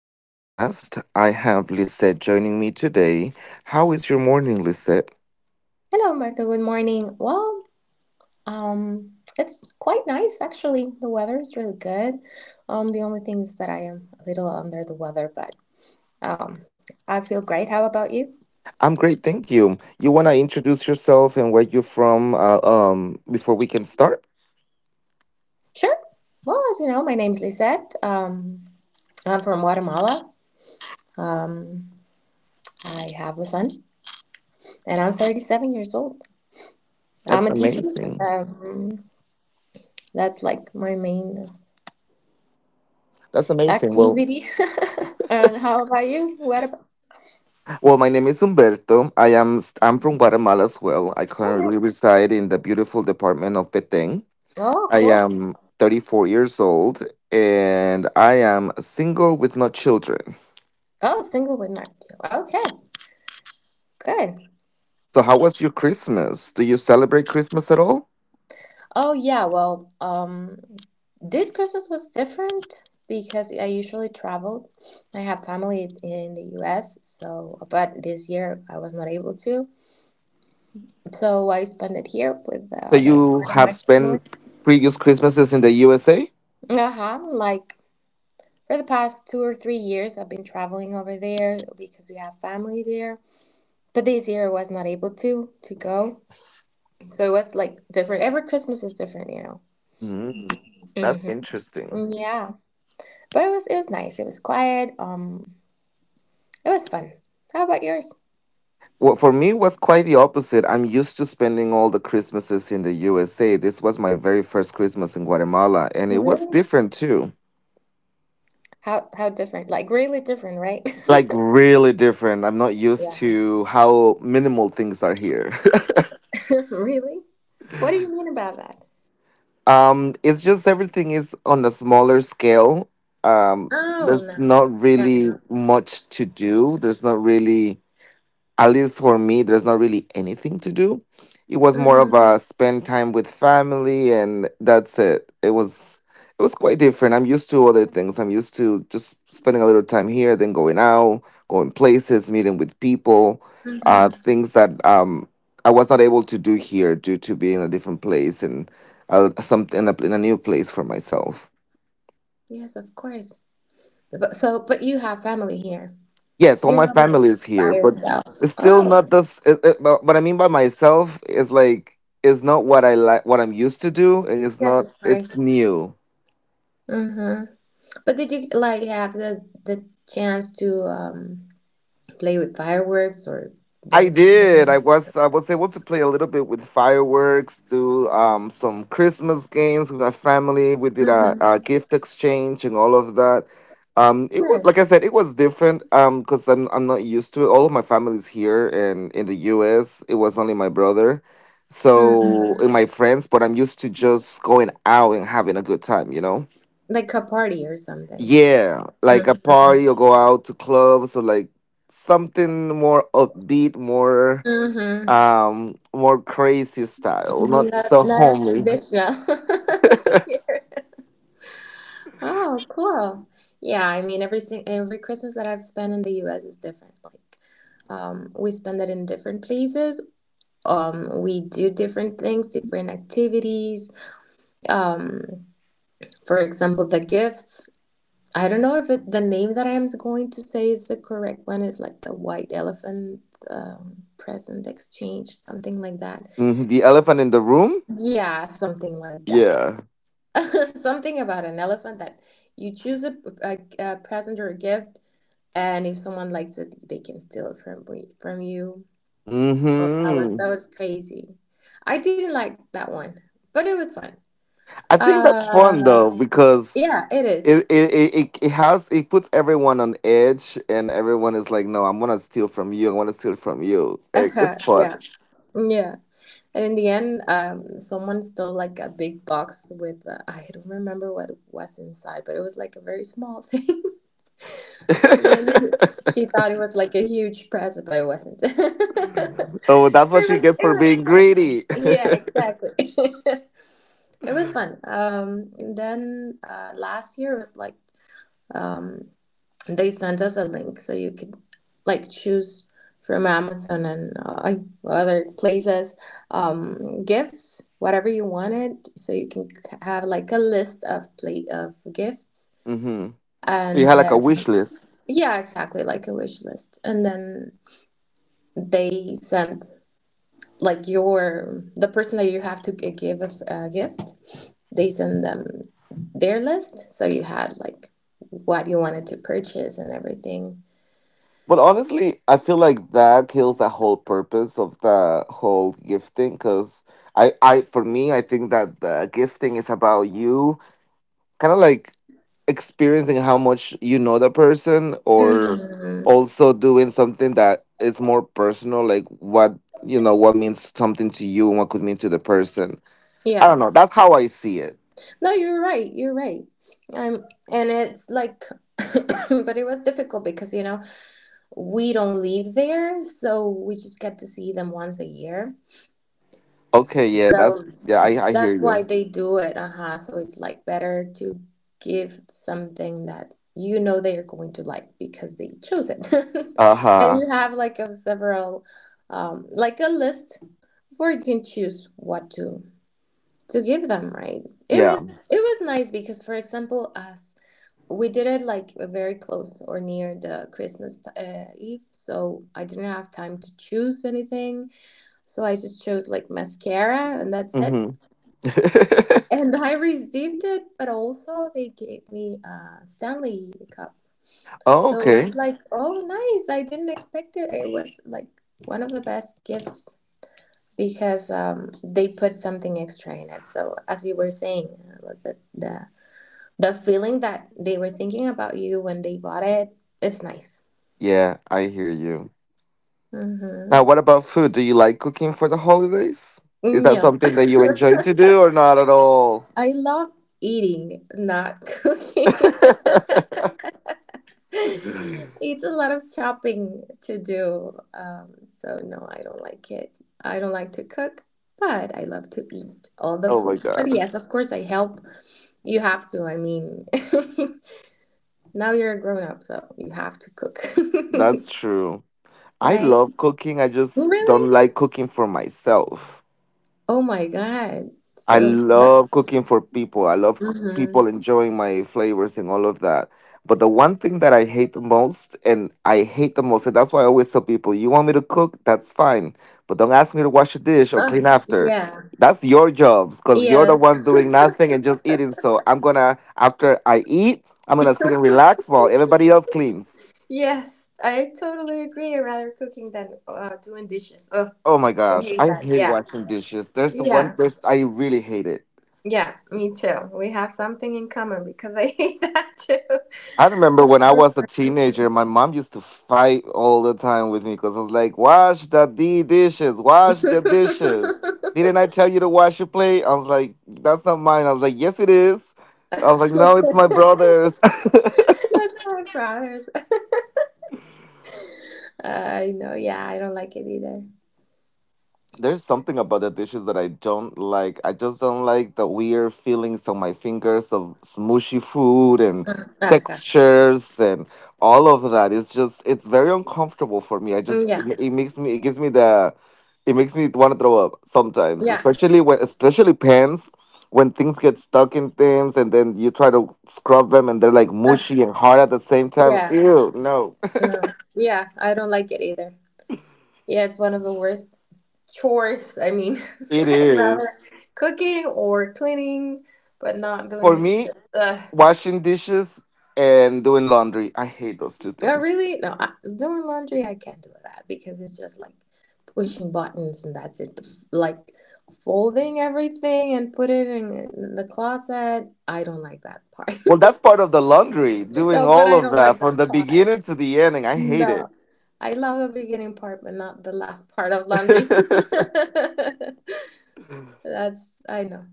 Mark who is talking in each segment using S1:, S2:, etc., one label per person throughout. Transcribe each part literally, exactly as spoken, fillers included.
S1: to the podcast. I have Lisette joining me today. How is your morning, Lisette?
S2: Hello, Martha. Good morning. Well, um, it's quite nice actually. The weather is really good. Um, the only thing is that I am a little under the weather, but um, I feel great. How about you?
S1: I'm great, thank you. You want to introduce yourself and where you're from uh, um, before we can start?
S2: Sure. Well, as you know, my name's Lisette. Um, I'm from Guatemala. Um, I have a son, and I'm thirty-seven years old. I'm
S1: That's
S2: a teacher.
S1: amazing.
S2: Um, that's like my main
S1: That's amazing. Well,
S2: activity. And how about you? What about?
S1: well, my name is Humberto. I am I'm from Guatemala as well. I
S2: Oh,
S1: currently
S2: nice.
S1: reside in the beautiful department of Petén.
S2: Oh,
S1: I
S2: cool.
S1: am thirty-four years old and I am single with no children.
S2: Oh, single with not you. Okay, good.
S1: So, how was your Christmas? Do you celebrate Christmas at all?
S2: Oh yeah, well, um, this Christmas was different because I usually travel. I have family in the U S, so but this year I was not able to. So I spent it here with the
S1: So,
S2: other
S1: you
S2: part of
S1: have
S2: my family.
S1: spent previous Christmases in the U S A?
S2: Uh-huh. Like for the past two or three years I've been traveling over there because we have family there. But this year I was not able to to go. So it was like different. Every Christmas is different, you know.
S1: Mm,
S2: hmm
S1: that's interesting.
S2: Yeah. But it was it was nice. It was quiet. Um, it was fun. How about yours?
S1: Well, for me, it was quite the opposite. I'm used to spending all the Christmases in the U S A. This was my very first Christmas in Guatemala, and it was
S2: Really?
S1: different too.
S2: How how different? Like really different, right?
S1: Like really different. I'm not used
S2: Yeah.
S1: to how minimal things are here.
S2: Really? What do you mean about that?
S1: Um, it's just everything is on a smaller scale. Um,
S2: Oh
S1: there's
S2: no.
S1: not
S2: Got
S1: really much to do. There's not really, at least for me, there's not really anything to do.
S2: it.
S1: It was more
S2: Mhm.
S1: of a spend time with family, and that's it. It was it was quite different. I'm used to other things. I'm used to just spending a little time here, then going out, going places, meeting with people, uh,
S2: Mhm.
S1: things that um, I was not able to do here due to being in a different place and uh, something in a, in a new place for myself.
S2: Yes, of course. But so, but you have family here.
S1: Yes, all
S2: You're
S1: my
S2: not like
S1: family is
S2: by
S1: here, but
S2: yourself.
S1: it's still
S2: Oh,
S1: not this. It, it, but what I mean by myself is like it's not what I like, what I'm used to do, and it's
S2: yes,
S1: not.
S2: of
S1: It's
S2: course.
S1: new.
S2: Mhm. But did you like have the the chance to um play with fireworks or
S1: I
S2: burn
S1: did. I
S2: something?
S1: was I was able to play a little bit with fireworks, do um some Christmas games with my family. We did a,
S2: Mhm.
S1: a gift exchange and all of that. Um, it was
S2: Yeah.
S1: like I said, it was different. Um, because I'm I'm not used to it. All of my family's here and in the U S. It was only my brother, so,
S2: Mhm.
S1: and my friends. But I'm used to just going out and having a good time. You know?
S2: Like a party or something.
S1: Yeah, like a
S2: Mm-hmm.
S1: party or go out to clubs or like something more upbeat, more
S2: Mm-hmm.
S1: um more crazy style, not
S2: Not,
S1: so
S2: not as
S1: homely.
S2: traditional. Here. Oh, cool. Yeah, I mean, everything, every Christmas that I've spent in the U S is different. Like, um, we spend it in different places. Um, we do different things, different activities. Um, for example, the gifts. I don't know if it, the name that I am going to say is the correct one. It's like the white elephant um, present exchange, something like that.
S1: Mhm. The elephant in the room?
S2: Yeah, something like that.
S1: Yeah.
S2: Something about an elephant that you choose a, a, a present or a gift, and if someone likes it, they can steal it from from you. Oh, that was
S1: hmm
S2: that was crazy. I didn't like that one, but it was fun.
S1: I think that's fun
S2: Uh,
S1: though because
S2: yeah, it is.
S1: it it, it it it has it puts everyone on edge and everyone is like, no, I'm gonna steal from you. I want to steal from you. Like, it's fun.
S2: yeah, yeah. And in the end, um, someone stole like a big box with uh, I don't remember what was inside, but it was like a very small thing. So then she thought it was like a huge present, but it wasn't. So it
S1: Oh, that's what she
S2: was
S1: gets
S2: it
S1: for
S2: was
S1: being
S2: fun.
S1: greedy.
S2: Yeah, exactly. It was fun. Um, and then uh, last year was like um. they sent us a link so you could like choose from Amazon and uh, other places um, gifts, whatever you wanted. So you can have like a list of plate of gifts
S1: hmm So you had
S2: and
S1: like
S2: uh,
S1: a wish list.
S2: yeah, exactly like a wish list. And then they sent like your the person that you have to g- give a, f- a gift. They send them their list, so you had like what you wanted to purchase and everything.
S1: But honestly, I feel like that kills the whole purpose of the whole gifting because I, I, for me, I think that the gifting is about you kind of like experiencing how much you know the person or
S2: Mhm.
S1: also doing something that is more personal, like what, you know, what means something to you and what could mean to the person. I
S2: Yeah.
S1: don't know. That's how I see it.
S2: No, you're right. You're right. Um, and it's like, but it was difficult because, you know, we don't live there, so we just get to see them once a year.
S1: Okay. Yeah.
S2: So
S1: That's, yeah, I, I hear
S2: that's why
S1: you.
S2: they do it. Uh-huh. So it's like better to give something that you know they are going to like because they chose it.
S1: Uh
S2: And
S1: huh.
S2: you have like a several, um, like a list where you can choose what to to give them, right? It
S1: Yeah.
S2: was it was nice because, for example, us. We did it like uh, very close or near the Christmas uh, Eve, so I didn't have time to choose anything. So I just chose like mascara and that's
S1: Mm
S2: it.
S1: hmm.
S2: And I received it, but also they gave me a Stanley cup.
S1: Oh,
S2: So it's
S1: okay.
S2: like, oh, nice. I didn't expect it. It was like one of the best gifts because um, they put something extra in it. So as you were saying, uh, the, the the feeling that they were thinking about you when they bought it, it's nice.
S1: Yeah, I hear you. Now,
S2: Mm-hmm.
S1: what about food? Do you like cooking for the holidays? Is that
S2: No.
S1: something that you enjoy to do or not at all?
S2: I love eating, not cooking. It's a lot of chopping to do. Um, so no, I don't like it. I don't like to cook, but I love to eat all the
S1: Oh my
S2: food. But
S1: God.
S2: yes, of course I help. You have to. I mean, now you're a grown up, so you have to cook.
S1: That's true. I
S2: Right?
S1: love cooking. I just don't
S2: Really?
S1: like cooking for myself.
S2: Oh my God.
S1: I
S2: So that's
S1: love cooking for people. I love c- people
S2: mm-hmm.
S1: enjoying my flavors and all of that. But the one thing that I hate the most, and I hate the most, and that's why I always tell people, you want me to cook? That's fine. But don't ask me to wash a dish or
S2: Oh,
S1: clean after.
S2: yeah.
S1: That's your jobs because you're the
S2: Yes.
S1: ones doing nothing and just eating. So I'm going to, after I eat, I'm going to sit and relax while everybody else cleans.
S2: Yes, I totally agree. I rather cooking than uh, doing dishes. Oh,
S1: Oh my
S2: I
S1: gosh,
S2: hate
S1: I
S2: that.
S1: hate
S2: Yeah.
S1: washing dishes. There's the one
S2: Yeah.
S1: person I really hate it.
S2: Yeah, me too. We have something in common because I hate that too.
S1: I remember when I was a teenager, my mom used to fight all the time with me because I was like, wash the d dishes, wash the dishes. Didn't I tell you to wash your plate? I was like, that's not mine. I was like, yes, it is. I was like, no, it's my brother's.
S2: That's my brothers. Uh, I know. Yeah, I don't like it either.
S1: There's something about the dishes that I don't like. I just don't like the weird feelings on my fingers of smooshy food and
S2: Uh, uh-huh.
S1: textures and all of that. It's just it's very uncomfortable for me. I just
S2: Mm, yeah.
S1: it, it makes me it gives me the it makes me want to throw up sometimes,
S2: Yeah.
S1: especially when especially pans when things get stuck in things and then you try to scrub them and they're like
S2: Uh,
S1: mushy and hard at the same time.
S2: yeah.
S1: Ew, no.
S2: No. Yeah, I don't like it either. Yeah, it's one of the worst chores. I mean,
S1: It
S2: I'd rather
S1: is.
S2: cooking or cleaning, but not doing
S1: For
S2: the
S1: me,
S2: dishes. Ugh.
S1: washing dishes and doing laundry. I hate those two
S2: Not
S1: things.
S2: really. No, I, doing laundry, I can't do that because it's just like pushing buttons and that's it. But f- like folding everything and put it in, in the closet, I don't like that part.
S1: Well, that's part of the laundry, doing
S2: No, but
S1: all
S2: I
S1: of
S2: don't
S1: that
S2: like
S1: from the
S2: that part.
S1: beginning to the ending. I hate it.
S2: No. I love the beginning part, but not the last part of laundry. That's, I know.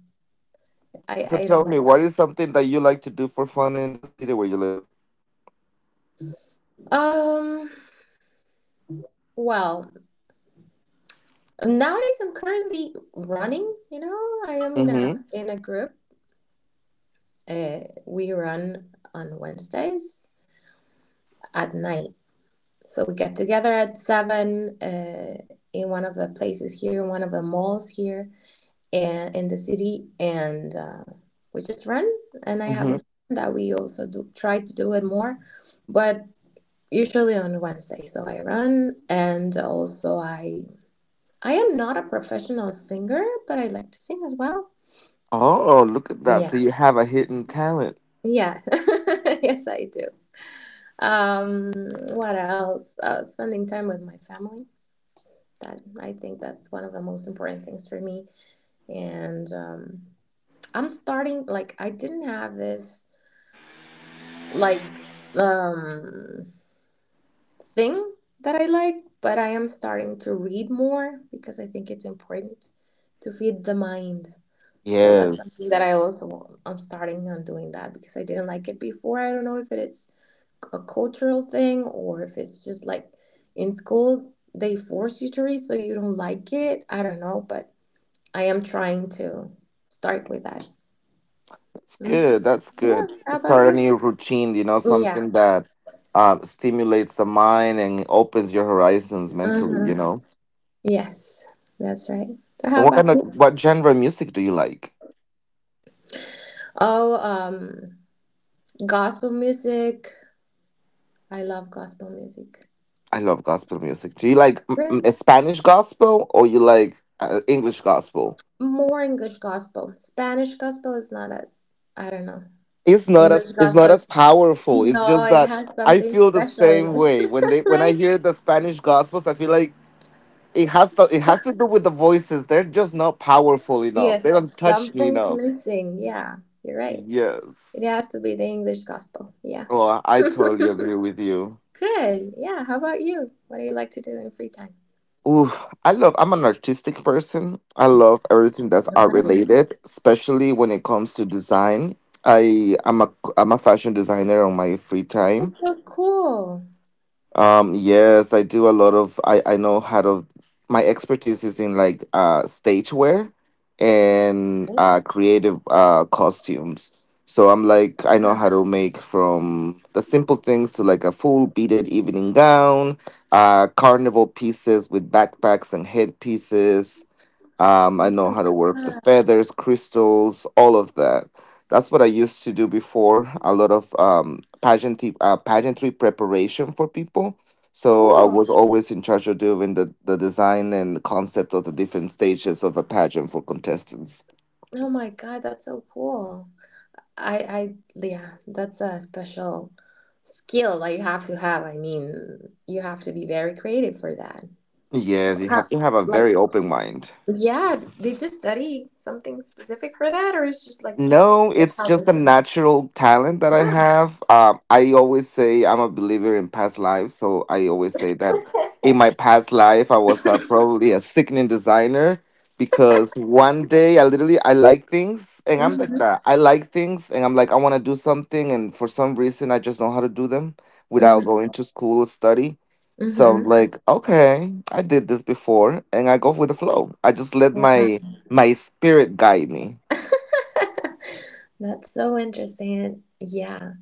S2: I
S1: So
S2: I
S1: tell
S2: don't
S1: me,
S2: like
S1: what
S2: that.
S1: is something that you like to do for fun in the city where you live?
S2: Um, well, nowadays I'm currently running, you know, I am in
S1: Mm-hmm.
S2: a in a group. Uh, we run on Wednesdays at night. So we get together at seven uh, in one of the places here, one of the malls here and in the city and uh, we just run and I have a friend
S1: Mm-hmm.
S2: that we also do try to do it more, but usually on Wednesday. So I run and also I I am not a professional singer, but I like to sing as well.
S1: Oh, look at that. So
S2: Yeah.
S1: you have a hidden talent.
S2: Yeah. Yes, I do. Um, what else? Uh, spending time with my family. That I think that's one of the most important things for me. And um, I'm starting like I didn't have this like um thing that I like, but I am starting to read more because I think it's important to feed the mind. So that's something that
S1: Yes.
S2: I also I'm starting on doing that because I didn't like it before. I don't know if it's a cultural thing or if it's just like in school they force you to read so you don't like it. I don't know, but I am trying to start with that.
S1: That's
S2: Hmm.
S1: good. That's
S2: Yeah.
S1: good.
S2: How about
S1: Start a
S2: you?
S1: new routine, you know,
S2: Yeah.
S1: something that uh, stimulates the mind and opens your horizons mentally,
S2: Hmm.
S1: you know?
S2: Yes, that's right. So
S1: And
S2: how
S1: what
S2: about
S1: kind of
S2: you?
S1: what genre of music do you like?
S2: Oh, um, gospel music. I love gospel music.
S1: I love gospel music. Do you like mm, mm, a Spanish gospel or you like uh, English gospel?
S2: More English gospel. Spanish gospel is not as I don't know.
S1: It's not as
S2: English
S1: it's not
S2: gospel,
S1: as powerful. It's
S2: no,
S1: just
S2: it
S1: that
S2: has
S1: I
S2: something
S1: feel the
S2: special in
S1: same
S2: it,
S1: way when they when I
S2: right?
S1: hear the Spanish gospels. I feel like it has to it has to do with the voices. They're just not powerful enough. They don't
S2: Yes,
S1: touch me
S2: something's
S1: enough.
S2: missing. Yeah, you're right. It
S1: Yes.
S2: has to be the English gospel. Yeah.
S1: Well, I totally
S2: Good.
S1: agree with you.
S2: Yeah. How about you? What do you like to do in free time?
S1: Oof, I love, I'm an artistic person. I love everything that's
S2: Oh,
S1: art
S2: nice.
S1: related, especially when it comes to design. I am a I'm a fashion designer on my free
S2: That's
S1: time.
S2: so cool.
S1: Um, yes, I do a lot of I I know how to my expertise is in like uh stage wear and
S2: Yeah.
S1: uh creative uh costumes. So I'm like I know how to make from the simple things to like a full beaded evening gown, uh carnival pieces with backpacks and headpieces. um, I
S2: Oh
S1: know
S2: my
S1: how to work the
S2: god.
S1: feathers, crystals, all of that. That's what I used to do before. A lot of um, pageantry, uh, pageantry preparation for people. So I
S2: Cool.
S1: was always in charge of doing the, the design and the concept of the different stages of a pageant for contestants.
S2: Oh my god. That's so cool. I, I, yeah, that's a special skill that you have to have. I mean, you have to be very creative for that.
S1: Yes, you have
S2: How,
S1: to have a
S2: like,
S1: very open mind.
S2: yeah, did you study something specific for that, or it's just like
S1: No, it's
S2: how
S1: just a natural talent that I have. Um, I always say I'm a believer in past lives, so I always say that in my past life I was uh, probably a sickening designer because one day I literally I like things and I'm like
S2: Mm-hmm.
S1: that. I like things and I'm like I want to do something and for some reason I just know how to do them without going to school or study.
S2: Mm-hmm.
S1: So I'm
S2: Mm-hmm.
S1: like, okay, I did this before and I go with the flow. I just let my my spirit guide me.
S2: That's so interesting. And yeah,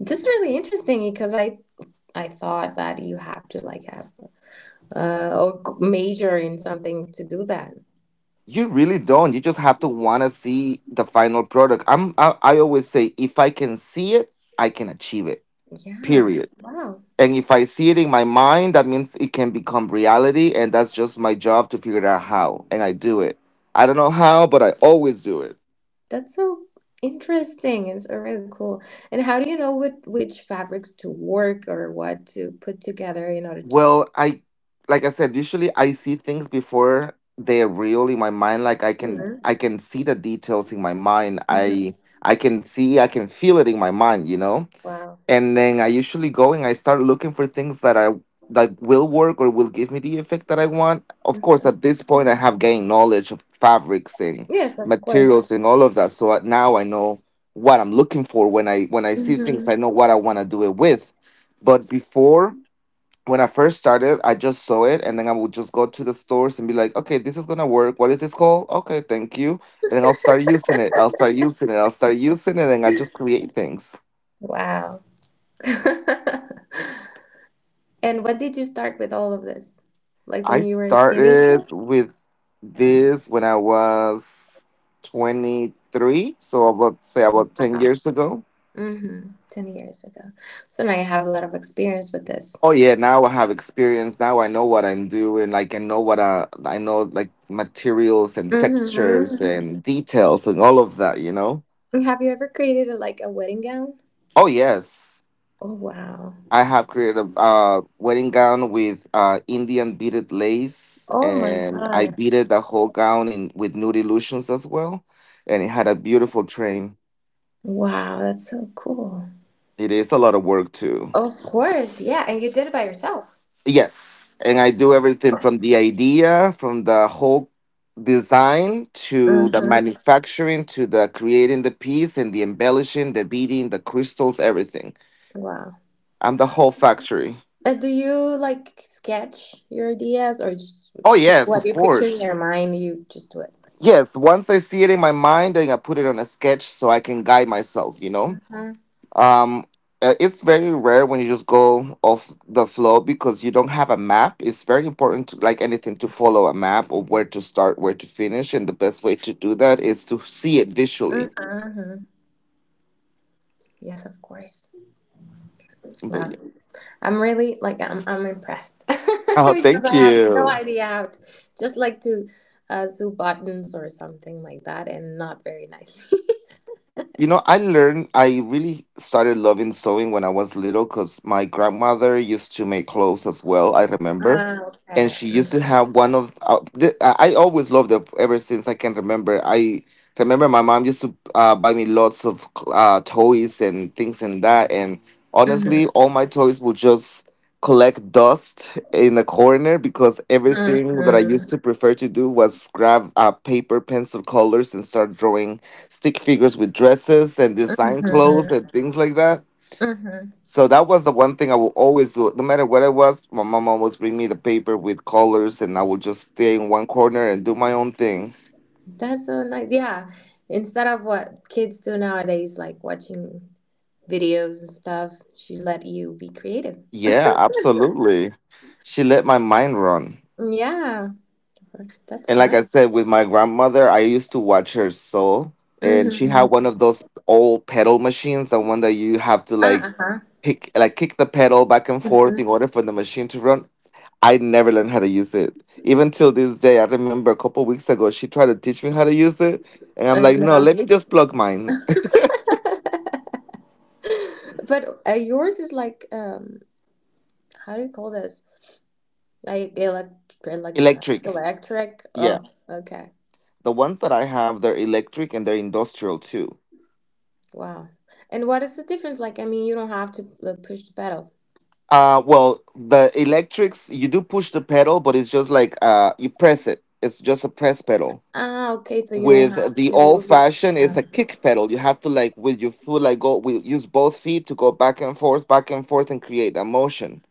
S2: this is really interesting because I I thought that you have to like have uh or g- major in something to do that.
S1: You really don't. You just have to want to see the final product. I'm I, I always say if I can see it, I can achieve it.
S2: Yeah.
S1: Period.
S2: Wow.
S1: And if I see it in my mind, that means it can become reality and that's just my job to figure out how and I do it. I don't know how, but I always do it.
S2: That's so interesting and so really cool. And how do you know what which fabrics to work or what to put together in order to?
S1: Well, I like I said, usually I see things before they're real in my mind like I can
S2: Mhm,
S1: I can see the details in my mind.
S2: mhm.
S1: I I can see, I can feel it in my mind, you know?
S2: Wow.
S1: And then I usually go and I start looking for things that I that will work or will give me the effect that I want. Of course, at this point, I have gained knowledge of fabrics and
S2: Yes, of course.
S1: materials and all of that, so I- now I know what I'm looking for when I when I see things. I
S2: Mhm.
S1: know what I want to do it with. But before, when I first started, I just saw it, and then I would just go to the stores and be like, "Okay, this is gonna work. What is this called? Okay, thank you." And then I'll start using it. I'll start using it. I'll start using it, and I just create things.
S2: Wow. And when did you start with all of this? Like
S1: I
S2: when you were a teenager?
S1: started with this when I was twenty-three, so about say
S2: Oh,
S1: about ten
S2: wow.
S1: years ago.
S2: Mm-hmm. ten years ago. So now you have a lot of experience with this.
S1: Oh yeah, now I have experience. Now I know what I'm doing. Like I know what I, I know like materials and textures
S2: Mm-hmm.
S1: and details and all of that, you know?
S2: Have you ever created a, like a wedding gown?
S1: Oh yes.
S2: Oh, wow.
S1: I have created a uh, wedding gown with uh, Indian beaded lace,
S2: Oh my
S1: and I
S2: God.
S1: beaded the whole gown in with nude illusions as well. And it had a beautiful train.
S2: Wow, that's so cool.
S1: It is a lot of work too.
S2: Of course, yeah, and you did it by yourself.
S1: Yes. And I do everything from the idea, from the whole design to the
S2: Mm-hmm.
S1: manufacturing to the creating the piece and the embellishing, the beading, the crystals, everything.
S2: Wow.
S1: I'm the whole factory.
S2: And do you like sketch your ideas or just
S1: Oh,
S2: pic-
S1: yes,
S2: what
S1: of
S2: you picture in your
S1: course.
S2: mind, you just do it?
S1: Yes, once I see it in my mind, then I put it on a sketch so I can guide myself, you know?
S2: Mm-hmm.
S1: um uh, it's very rare when you just go off the flow because you don't have a map. It's very important to, like, anything, to follow a map or where to start, where to finish. And the best way to do that is to see it visually.
S2: Mm-hmm. Yes, of course.
S1: But
S2: Wow.
S1: yeah.
S2: I'm really like I'm I'm impressed
S1: Oh,
S2: because
S1: thank
S2: I have no
S1: you.
S2: idea how to just like to uh, do buttons or something like that and not very nicely.
S1: You know, I learned, I really started loving sewing when I was little because my grandmother used to make clothes as well, I remember.
S2: Ah, okay.
S1: And she used to
S2: Mm-hmm.
S1: have one of, uh, th- I I always loved them ever since I can remember. I remember my mom used to uh, buy me lots of uh, toys and things and that. And
S2: Mm-hmm.
S1: honestly, all my toys would just collect dust in the corner because everything that I used to prefer to do was grab uh, paper, pencil, colors, and start drawing stick figures with dresses and design clothes
S2: Mm-hmm.
S1: and things like that.
S2: Mm-hmm.
S1: So that was the one thing I will always do. No matter what it was, my mom always bring me the paper with colors, and I would just stay in one corner and do my own thing.
S2: That's so nice. Yeah. Instead of what kids do nowadays, like watching videos and stuff, she let you be creative.
S1: Yeah, absolutely. She let my mind run.
S2: Yeah. That's
S1: And like
S2: nice.
S1: I said, with my grandmother, I used to watch her sew. And she had
S2: Mm-hmm.
S1: one of those old pedal machines, the one that you have to, like,
S2: Uh-huh.
S1: pick like kick the pedal back and forth in
S2: Mm-hmm.
S1: order for the machine to run. I never learned how to use it. Even till this day, I remember a couple weeks ago, she tried to teach me how to use it. And I'm
S2: I
S1: like, no,
S2: know.
S1: let me just plug mine.
S2: But uh, yours is like, um, how do you call this? Like elect electric
S1: Electric.
S2: electric.
S1: Yeah.
S2: Oh, okay.
S1: The ones that I have, they're electric, and they're industrial too.
S2: Wow. And what is the difference? Like, I mean, you don't have to uh, push the pedal.
S1: Uh, well, the electrics, you do push the pedal, but it's just like uh, you press it. It's just a press pedal.
S2: Ah, okay, so you don't
S1: With
S2: have
S1: the
S2: to
S1: old
S2: move your.
S1: fashioned, it's
S2: Yeah.
S1: a kick pedal. You have to, like, with your foot, like, go, we use both feet to go back and forth, back and forth, and create a motion.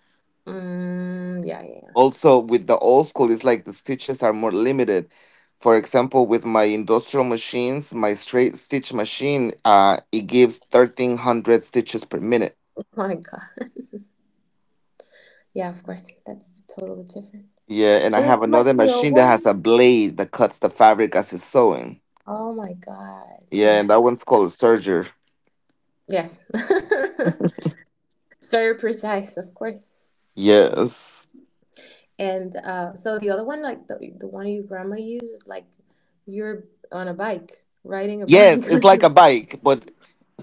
S2: Mm, yeah, yeah. Yeah.
S1: Also, with the old school, it's like the stitches are more limited. For example, with my industrial machines, my straight stitch machine, uh it gives thirteen hundred stitches per minute.
S2: Oh my God. Yeah, of course. That's totally different.
S1: Yeah. And I
S2: So
S1: have
S2: it's
S1: another
S2: like the old
S1: machine that has
S2: one?
S1: a blade that cuts the fabric as it's sewing.
S2: Oh my God.
S1: Yeah. And
S2: Yes.
S1: that one's called a serger.
S2: Yes. It's very precise, of course.
S1: Yes,
S2: And uh, so the other one, like the, the one your grandma uses, like you're on a bike, riding a bike.
S1: yes. it's like a bike but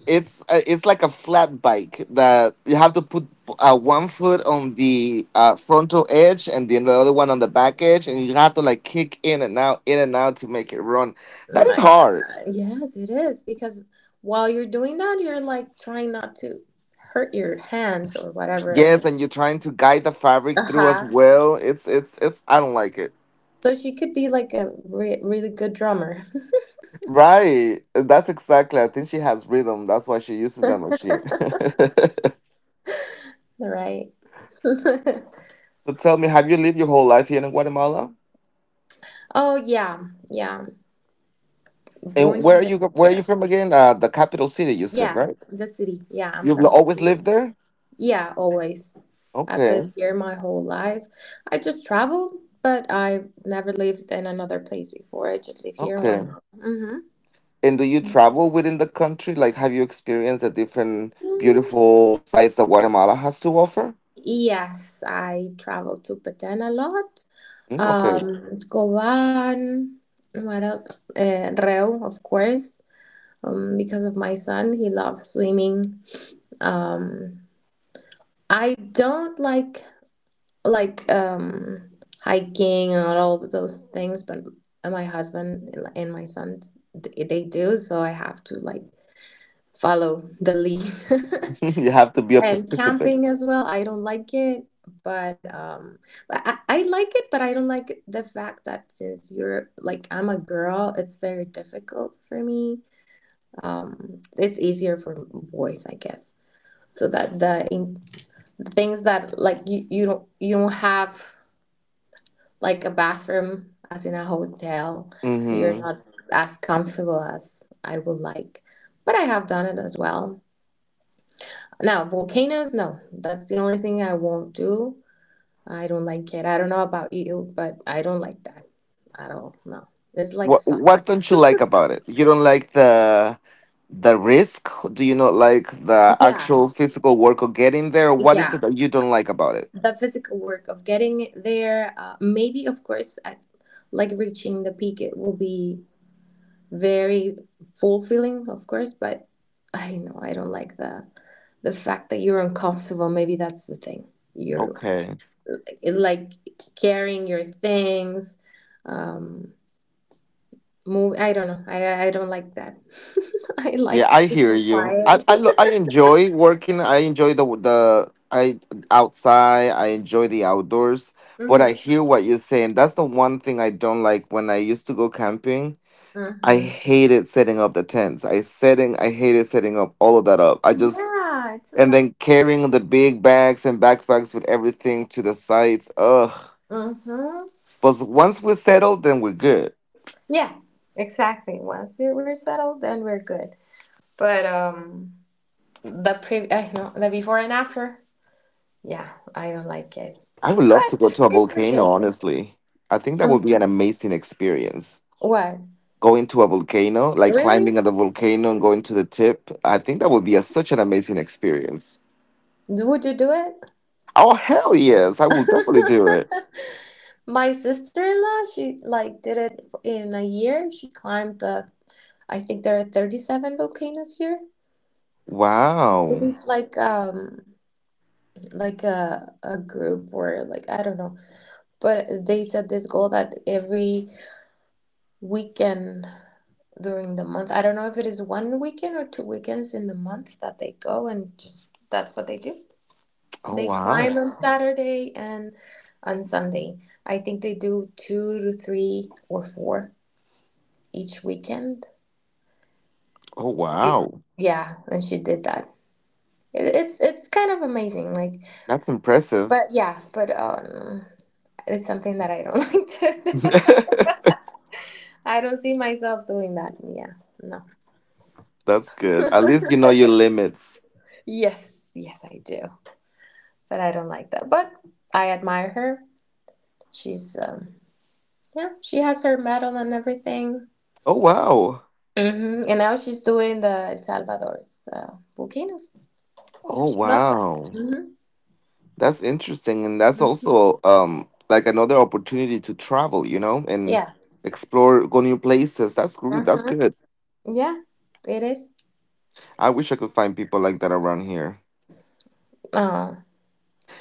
S1: It's uh, it's like a flat bike that you have to put uh, one foot on the uh, frontal edge, and then the other one on the back edge, and you have to, like, kick in and out, in and out to make it run.
S2: Oh
S1: That is
S2: my
S1: hard.
S2: God. Yes, it is. Because while you're doing that, you're like trying not to hurt your hands or whatever.
S1: Yes,
S2: And.
S1: and you're trying to guide the fabric through as
S2: Uh-huh.
S1: well. It's it's it's. I don't like it.
S2: So she could be like a re really good drummer.
S1: Right. That's exactly. I think she has rhythm. That's why she uses that machine.
S2: Right.
S1: so tell me, have you lived your whole life here in Guatemala?
S2: Oh yeah, yeah. Born
S1: And
S2: and
S1: where are
S2: raised
S1: you? Where are you
S2: here.
S1: from again? Uh, the capital city, you said,
S2: Yeah,
S1: right?
S2: the city. Yeah, I'm
S1: You've lo-
S2: from the
S1: always
S2: city.
S1: lived there?
S2: Yeah, always. I've lived
S1: Okay,
S2: here my whole life. I just traveled, but I've never lived in another place before. I just live here in
S1: okay.
S2: Guatemala.
S1: And do you travel within the country? Like, have you experienced the different
S2: Mm-hmm.
S1: beautiful sites that Guatemala has to offer?
S2: Yes, I travel to Baden a lot.
S1: Mm, okay.
S2: um, Govan, what else? Uh, Reu, of course, um, because of my son, he loves swimming. Um, I don't like like um, hiking and all of those things, but my husband and my son, they they do, so I have to like follow the lead.
S1: You have to be a
S2: And
S1: participant.
S2: camping as well, I don't like it, but um, but I, I like it, but I don't like it, the fact that since you're like I'm a girl, it's very difficult for me. Um, it's easier for boys, I guess. So that the in, things that like you, you don't you don't have like a bathroom as in a hotel, you're
S1: Mm-hmm.
S2: not as comfortable as I would like. But I have done it as well. Now, volcanoes, no, that's the only thing I won't do. I don't like it. I don't know about you, but I don't like that at all. No, it's like
S1: What
S2: soft.
S1: What don't you like about it? You don't like the the risk? Do you not like the actual
S2: Yeah,
S1: physical work of getting there? What is it
S2: yeah.
S1: that you don't like about it?
S2: The physical work of getting there, uh, maybe of course, at, like reaching the peak, it will be very fulfilling, of course. But I know I don't like the the fact that you're uncomfortable. Maybe that's the thing. You're
S1: Okay.
S2: it, like carrying your things, um, move. I don't know. I I I don't like that. I
S1: Yeah,
S2: like
S1: I
S2: peace
S1: hear
S2: and
S1: you. I
S2: quiet.
S1: I lo- I enjoy working. I enjoy the the I outside. I enjoy the outdoors. But
S2: Mm-hmm.
S1: I hear what you're saying. That's the one thing I don't like when I used to go camping. I
S2: Mm-hmm.
S1: hated setting up the tents. I setting I hated setting up all of that up. I just
S2: Yeah, it's a
S1: And
S2: lot of.
S1: then carrying the big bags and backpacks with everything to the sites. Ugh.
S2: Mm-hmm.
S1: But once we're settled, then we're good.
S2: Yeah, exactly. Once we- we're settled, then we're good. But um, the pre I know the before and after. Yeah, I don't like it,
S1: I would love to go
S2: but
S1: to a
S2: it's
S1: volcano,
S2: interesting.
S1: honestly. I think that
S2: Um,
S1: would be an amazing experience.
S2: what?
S1: Going to a volcano, like
S2: Really?
S1: climbing at the volcano and going to the tip, I think that would be a, such an amazing experience.
S2: Would you do it?
S1: Oh, hell yes. I will definitely do it.
S2: My sister-in-law, she like did it in a year. She climbed the, I think there are thirty-seven volcanoes here. It
S1: Wow.
S2: is like um like a a group or like I don't know. But they set this goal that every weekend during the month, I don't know if it is one weekend or two weekends in the month that they go and just that's what they do.
S1: Oh,
S2: They
S1: wow.
S2: climb on Saturday and on Sunday. I think they do two to three or four each weekend.
S1: Oh,
S2: It's
S1: wow.
S2: yeah, and she did that. It, it's it's kind of amazing, like,
S1: That's impressive.
S2: but yeah, but um, it's something that I don't like to do. I don't see myself doing that. Yeah, no.
S1: That's good. At least you know your limits.
S2: Yes, yes, I do. But I don't like that. But I admire her. She's, um, yeah, she has her medal and everything.
S1: Oh, wow.
S2: Hmm. And now she's doing the El Salvador's uh, volcanoes.
S1: Oh,
S2: She loves that.
S1: wow.
S2: Hmm.
S1: That's interesting. And that's also um like another opportunity to travel, you know, and
S2: Yeah.
S1: explore, go new places. That's good.
S2: Hmm.
S1: That's good.
S2: Yeah, it is.
S1: I wish I could find people like that around here.
S2: Oh,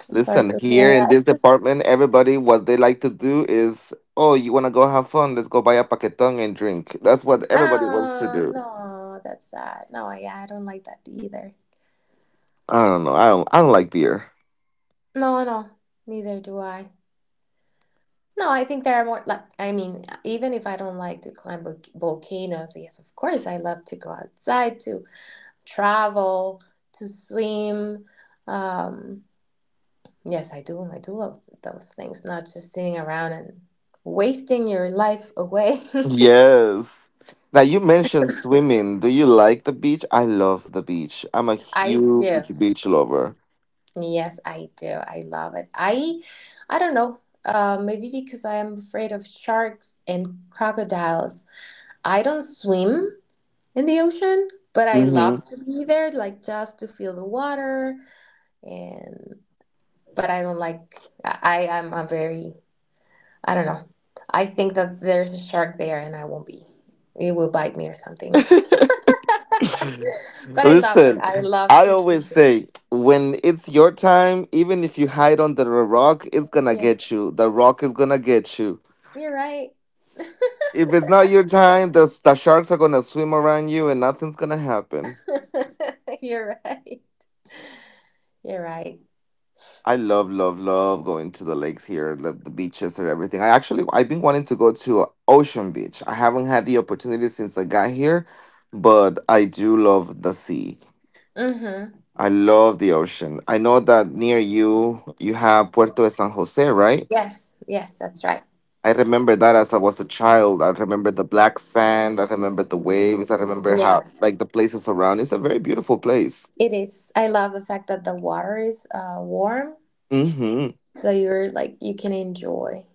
S2: I'm sorry
S1: Listen,
S2: to hear
S1: here in
S2: that.
S1: this department, everybody, what they like to do is, oh, you want to go have fun? Let's go buy a paquetón and drink. That's what everybody wants to
S2: Oh,
S1: do.
S2: no, that's sad. No, yeah, I don't like that either.
S1: I don't know. I don't. I don't like beer.
S2: No, no, neither do I. No, I think there are more like I mean, even if I don't like to climb volcanoes, yes, of course I love to go outside to travel, to swim. Um, yes, I do. I do love those things, not just sitting around and wasting your life away.
S1: Yes. Now you mentioned swimming. Do you like the beach? I love the beach. I'm a
S2: I do.
S1: huge beach lover.
S2: Yes, I do. I love it. I I don't know. Uh, maybe because I am afraid of sharks and crocodiles. I don't swim, in the ocean, but I love
S1: Hmm.
S2: to be there, like just to feel the water. And but I don't like. I I am a very. I don't know. I think that there's a shark there, and I won't be. It will bite me or something. But I love it.
S1: Listen,
S2: I love
S1: I
S2: to be
S1: always
S2: there.
S1: say when it's your time, even if you hide under a rock, it's gonna get
S2: Yes,
S1: you. The rock is gonna get you.
S2: you're right.
S1: If it's not your time, the, the sharks are gonna swim around you, and nothing's gonna happen.
S2: You're right. You're right.
S1: I love, love, love going to the lakes here, the, the beaches and everything. I actually, I've been wanting to go to Ocean Beach. I haven't had the opportunity since I got here, but I do love the sea.
S2: Mm-hmm.
S1: I love the ocean. I know that near you, you have Puerto de San Jose, right?
S2: Yes, yes, that's right.
S1: I remember that as I was a child. I remember the black sand. I remember the waves. I remember how,
S2: Yeah,
S1: like, the places around. It's a very beautiful place.
S2: it is. I love the fact that the water is uh, warm.
S1: Mm-hmm.
S2: So you're like you can enjoy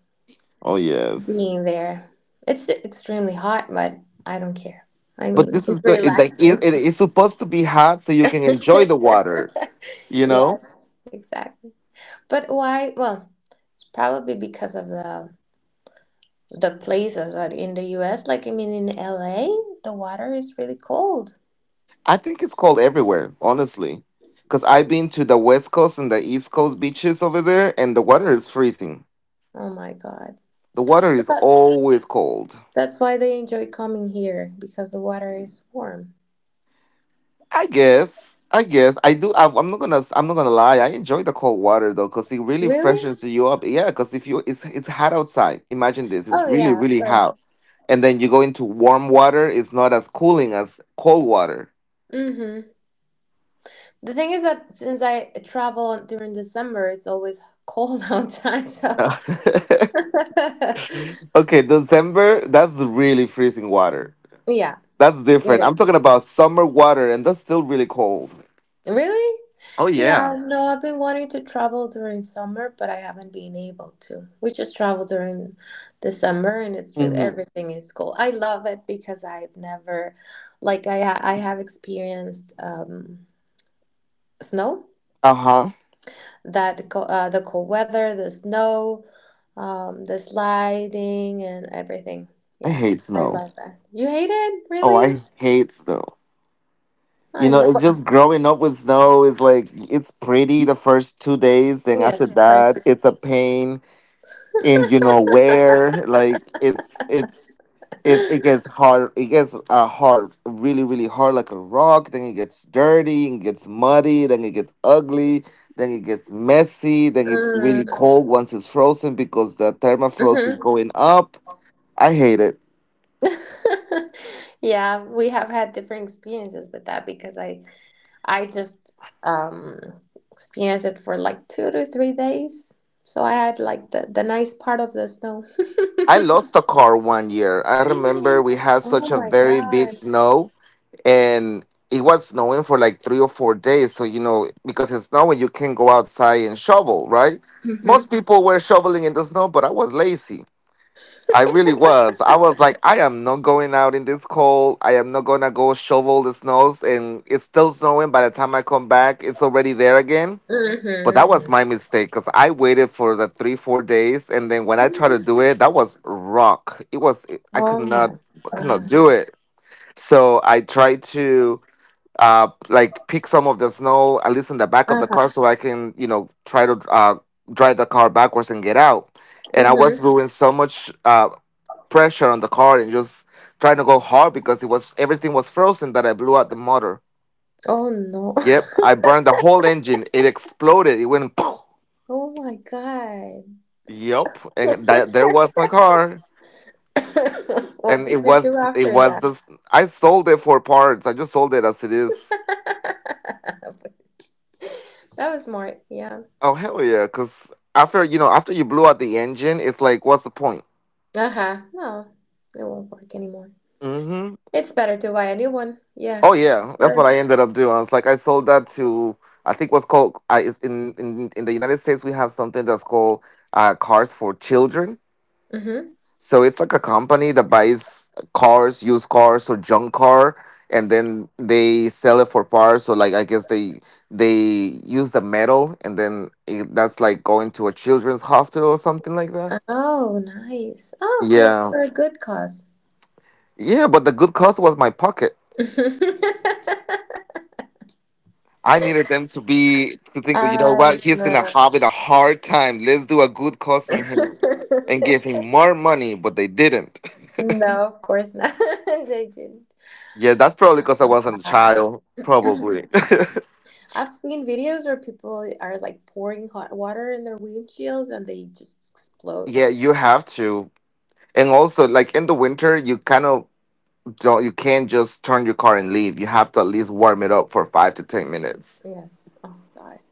S1: Oh, yes.
S2: being there. It's extremely hot, but I don't care. I
S1: But
S2: mean,
S1: this
S2: it's
S1: is the, it, like, it,
S2: relaxing.
S1: it, it's supposed to be hot so you can enjoy the water, you know?
S2: Yes, exactly. But why? Well, it's probably because of the the places that in the U S, like I mean in L A, the water is really cold.
S1: I think it's cold everywhere, honestly. Because I've been to the West Coast and the East Coast beaches over there, and the water is freezing.
S2: Oh my God.
S1: The water is
S2: But
S1: always cold.
S2: that's why they enjoy coming here because the water is warm.
S1: I guess. I guess I do. I, I'm not gonna. I'm not gonna lie. I enjoy the cold water though, cause it really
S2: Really?
S1: freshens you up. Yeah, cause if you, it's it's hot outside. Imagine this. It's
S2: Oh
S1: really
S2: yeah, of
S1: really
S2: course.
S1: hot, and then you go into warm water. It's not as cooling as cold water.
S2: Mm-hmm. The thing is that since I travel during December, it's always cold outside. So
S1: Okay, December. That's really freezing water.
S2: yeah,
S1: That's
S2: it
S1: different. I'm
S2: is.
S1: talking about summer water, and that's still really cold.
S2: Really?
S1: Oh yeah.
S2: Yeah, no, I've been wanting to travel during summer, but I haven't been able to. We just travel during December, and it's really
S1: Hmm.
S2: everything is cool. I love it because I've never, like, I ha- I have experienced um, snow,
S1: Uh huh.
S2: that co uh, the cold weather, the snow. Um, the sliding and everything.
S1: I
S2: Yeah,
S1: hate
S2: I
S1: snow.
S2: love that. You hate it?
S1: Oh,
S2: Really?
S1: I hate snow. You
S2: I
S1: know,
S2: love.
S1: it's just growing up with snow is like it's pretty the first two days, then after
S2: Yes, of course.
S1: that it's a pain. And you know where, like, it's it's it, it gets hard. It gets uh, hard, really really hard, like a rock. Then it gets dirty and gets muddy. Then it gets ugly. Then it gets messy. Then it's really cold once it's frozen because the thermofrost is
S2: Mm-hmm.
S1: going up. I hate it.
S2: Yeah, we have had different experiences with that because I I just um experienced it for like two to three days. So I had like the, the nice part of the snow.
S1: I lost a car one year. I remember
S2: Mm.
S1: we had
S2: Oh
S1: such a
S2: my
S1: very big
S2: God.
S1: snow, and it was snowing for like three or four days. So you know, because it's snowing, you can go outside and shovel, right? Most
S2: Mm-hmm.
S1: people were shoveling in the snow, but I was lazy. I really was. I was like, I am not going out in this cold. I am not gonna go shovel the snows, and it's still snowing. By the time I come back, it's already there again. But that
S2: Mm-hmm.
S1: was my mistake because I waited for the three, four days, and then when I tried to do it, that was rock. It was I
S2: Oh
S1: could
S2: my
S1: not, could not do it. So I tried to uh like pick some of the snow at least in the back of the
S2: God.
S1: car so I can, you know, try to uh drive the car backwards and get out. And I
S2: Mm-hmm.
S1: was doing so much uh pressure on the car, and just trying to go hard because it was everything was frozen, that I blew out the motor.
S2: Oh no.
S1: Yep, I burned the whole engine. It exploded. It went poof.
S2: Oh my God.
S1: Yep, and that there was my car.
S2: What
S1: And it
S2: did you
S1: was
S2: do
S1: it
S2: after
S1: was
S2: that?
S1: this. I sold it for parts. I just sold it as it is.
S2: That was smart. Yeah.
S1: Oh hell yeah! Because after you know, after you blew out the engine, it's like, what's the point?
S2: Uh-huh. No, it won't work anymore.
S1: Mm-hmm.
S2: It's better to buy a new one. Yeah.
S1: Oh yeah, that's
S2: Sure.
S1: what I ended up doing. I was like, I sold that to I think what's called I is in in in the United States we have something that's called uh, Cars for Children.
S2: Mm-hmm.
S1: So it's like a company that buys cars, used cars, or junk car, and then they sell it for parts. So like I guess they they use the metal, and then it, that's like going to a children's hospital or something like that.
S2: Oh, nice. Oh, so it's
S1: Yeah.
S2: for a good cause.
S1: Yeah, but the good cause was my pocket. I needed them to be to think, you know
S2: I
S1: what, he's in a
S2: know.
S1: having a hard time. Let's do a good cause on him and give him more money, but they didn't.
S2: No, of course not. They didn't.
S1: Yeah, that's probably because I wasn't a
S2: Uh,
S1: child. Probably.
S2: I've seen videos where people are like pouring hot water in their windshields and they just explode.
S1: Yeah, you have to. And also like in the winter you kind of don't you can't just turn your car and leave. You have to at least warm it up for five to ten minutes.
S2: Yes. Oh God.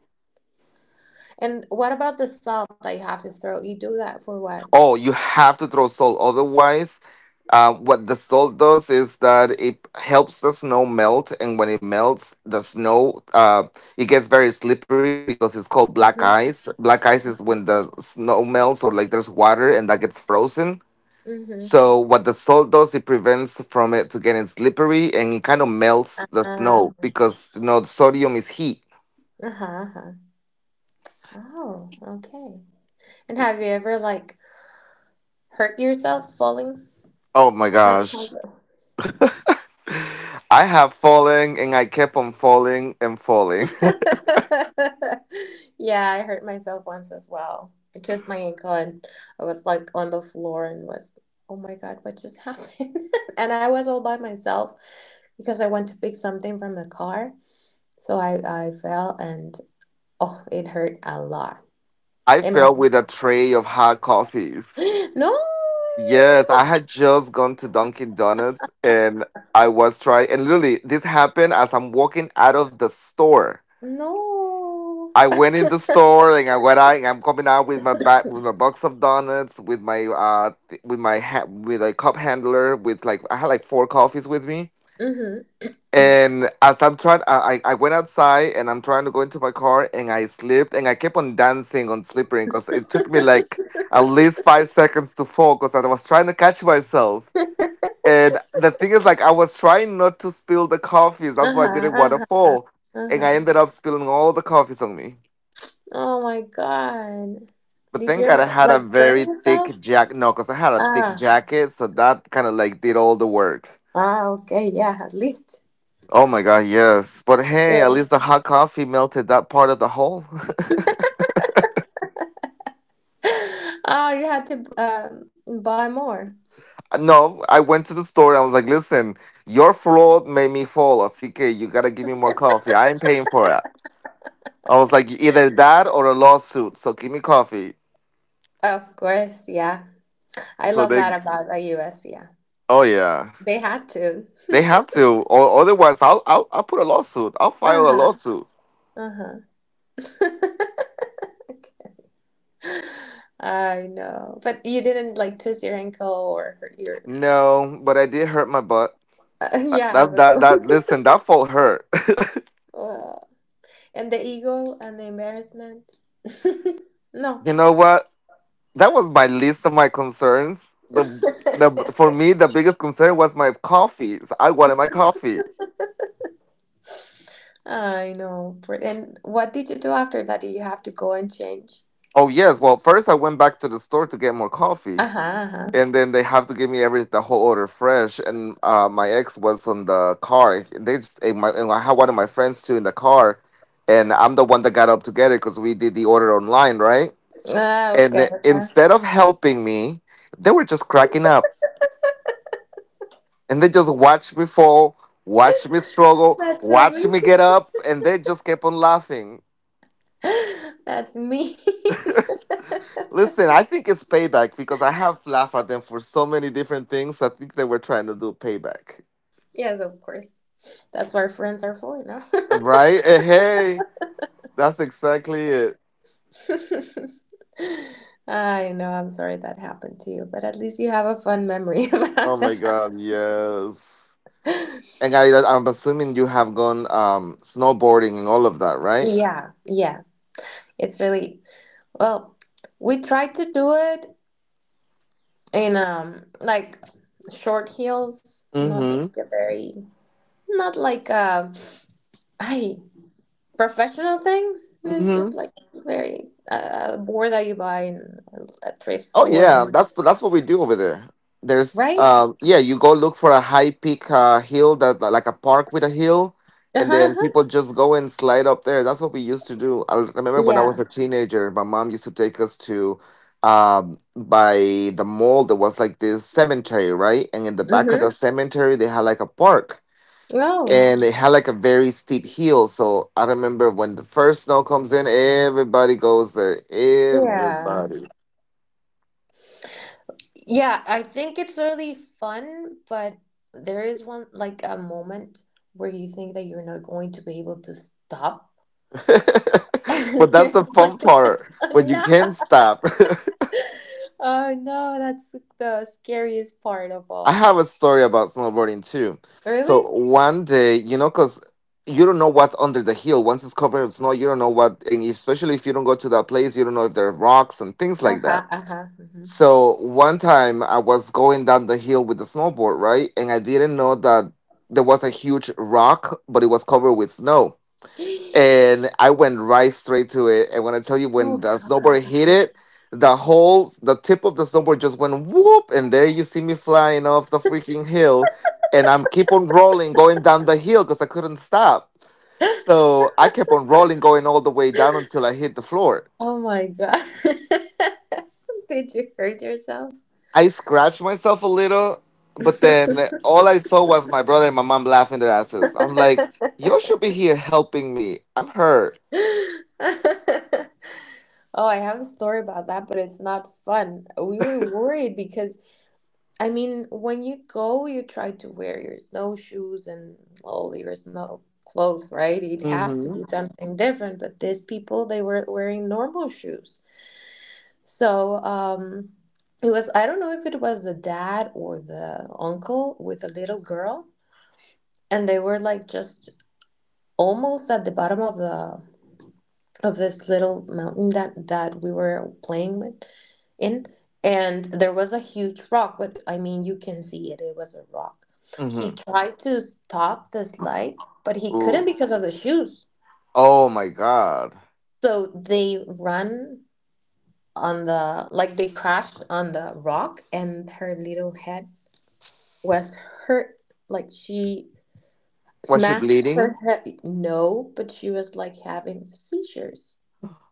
S2: And what about the salt that you have to throw? You do that for what?
S1: Oh, you have to throw salt. Otherwise, uh, what the salt does is that it helps the snow melt, and when it melts, the snow uh, it gets very slippery because it's called black
S2: Mm-hmm.
S1: ice. Black ice is when the snow melts or like there's water and that gets frozen.
S2: Mm-hmm.
S1: So what the salt does, it prevents from it to getting slippery, and it kind of melts the
S2: Uh,
S1: snow because you know sodium is heat.
S2: uh-huh, uh-huh. Oh, okay. And have you ever like hurt yourself falling?
S1: Oh my
S2: That's
S1: gosh.
S2: horrible.
S1: I have fallen and I kept on falling and falling.
S2: Yeah, I hurt myself once as well. I twisted my ankle and I was like on the floor and was, oh my God, what just happened? And I was all by myself because I went to pick something from the car. So I, I fell and oh, it hurt a lot.
S1: I
S2: Am
S1: fell with a tray of hot coffees.
S2: I- no,
S1: Yes, I had just gone to Dunkin' Donuts and I was trying, and literally, this happened as I'm walking out of the store.
S2: no.
S1: I went in the store and I went out and I'm coming out with my back with my box of donuts with my uh th- with my ha- with a cup handler with like I had like four coffees with me.
S2: Hmm.
S1: And as I'm trying, I, I I went outside and I'm trying to go into my car and I slipped and I kept on dancing on slippery because it took me
S2: Uh-huh,
S1: like at least five seconds to fall because I was trying to catch myself. And the thing is, like, I was trying not to spill the coffees. That's why I didn't want to
S2: uh-huh,
S1: fall. And I
S2: uh-huh.
S1: ended up spilling all the coffees on me.
S2: Oh my God.
S1: But
S2: Did
S1: thank
S2: you
S1: God I had a
S2: like burn
S1: very
S2: yourself?
S1: thick jacket. No, because I had a thick
S2: Ah,
S1: jacket. So that kind of like did all the work.
S2: ah, okay, yeah, at least.
S1: Oh my god, yes. But hey, at
S2: Yeah.
S1: least the hot coffee melted that part of the hole.
S2: Oh, you had to um, buy more.
S1: No, I went to the store and I was like, listen, your fraud made me fall. Así que you gotta give me more coffee. I ain't paying for it. I was like, either that or a lawsuit. So give me coffee.
S2: Of course, yeah. I
S1: So
S2: love
S1: they,
S2: that about the U S, yeah.
S1: oh yeah,
S2: They had to.
S1: they have to. Or otherwise, I'll, I'll, I'll put a lawsuit. I'll file a
S2: Uh-huh,
S1: lawsuit.
S2: uh-huh. I know. But you didn't like twist your ankle or hurt your.
S1: No, but I did hurt my butt.
S2: Yeah, I
S1: That,
S2: was.
S1: that, that, listen, that fault hurt.
S2: Uh, and the ego and the embarrassment. No.
S1: You know what? That was my list of my concerns. The, the For me the biggest concern was my coffee. So I wanted my coffee.
S2: I know. For- And what did you do after that? Did you have to go and change?
S1: Oh yes, well first I went back to the store to get more coffee,
S2: Uh huh. Uh-huh,
S1: and then they have to give me every the whole order fresh. And uh, my ex was on the car. And they just and my and I had one of my friends too in the car, and I'm the one that got up to get it because we did the order online, right?
S2: Ah,
S1: And
S2: okay. Okay.
S1: instead of helping me, they were just cracking up. And they just watched me fall, watched me struggle,
S2: That's so
S1: watched
S2: mean.
S1: me get up, and they just kept on laughing.
S2: That's mean.
S1: Listen, I think it's payback because I have laughed at them for so many different things. I think they were trying to do payback.
S2: Yes, of course. That's what friends are for, no?
S1: Right? Eh, hey, that's exactly it.
S2: I know, I'm sorry that happened to you, but at least you have a fun memory
S1: Oh
S2: about
S1: my
S2: that.
S1: God, yes. And I, I'm assuming you have gone um, snowboarding and all of that, right?
S2: Yeah, yeah. It's really, well, we tried to do it in um like short heels, not
S1: Mm
S2: like a very, not like um I professional thing. It's just
S1: hmm.
S2: like very uh, a board that you buy in a thrift
S1: Oh
S2: store
S1: yeah,
S2: and
S1: that's that's what we do over there. There's
S2: right?
S1: um yeah, you go look for a high peak uh, hill that like a park with a hill, and
S2: Uh-huh.
S1: then
S2: Uh-huh.
S1: people just go and slide up there. That's what we used to do. I remember when I was
S2: Yeah.
S1: a teenager, my mom used to take us to um by the mall. There was like this cemetery, right? And in the back of
S2: Mm-hmm.
S1: the cemetery, they had like a park.
S2: Oh.
S1: And they had like a very steep hill, so I remember when the first snow comes in, everybody goes there.
S2: Yeah.
S1: Everybody.
S2: Yeah, I think it's really fun, but there is one like a moment where you think that you're not going to be able to stop. And
S1: But
S2: you're
S1: that's the
S2: going
S1: fun
S2: to,
S1: part when
S2: oh,
S1: you can
S2: no.
S1: not stop.
S2: Oh no, that's the scariest part of
S1: I
S2: all.
S1: have a story about snowboarding too. So
S2: Really?
S1: one day, you know, because you don't know what's under the hill. Once it's covered in snow, you don't know what, and especially if you don't go to that place, you don't know if there are rocks and things like that.
S2: Uh-huh, uh-huh. Hmm.
S1: So one time I was going down the hill with the snowboard, right? And I didn't know that there was a huge rock, but it was covered with snow. And I went right straight to it. And when I tell you, when
S2: Oh
S1: the snowboard
S2: God.
S1: hit it, the whole the tip of the snowboard just went whoop, and there you see me flying off the freaking hill, and I'm keep on rolling going down the hill because I couldn't stop. So I kept on rolling going all the way down until I hit the floor.
S2: Oh my God. Did you hurt yourself?
S1: I scratched myself a little, but then all I saw was my brother and my mom laughing their asses. I'm like, you should be here helping me. I'm hurt.
S2: Oh, I have a story about that, but it's not fun. We were worried because, I mean, when you go, you try to wear your snowshoes and all your snow clothes, right? It has to
S1: Mm-hmm.
S2: be something different, but these people, they were wearing normal shoes. So, um, it was, I don't know if it was the dad or the uncle with a little girl. And they were like just almost at the bottom of the of this little mountain that that we were playing with in and there was a huge rock but I mean you can see it it was a rock. He tried to stop the
S1: Mm-hmm.
S2: slide but he couldn't because of the shoes,
S1: Oh my god.
S2: so they ran on the like they crashed on the rock and her little head was hurt, like she
S1: Was she
S2: smashed her
S1: bleeding?
S2: head. No, but she was like having seizures.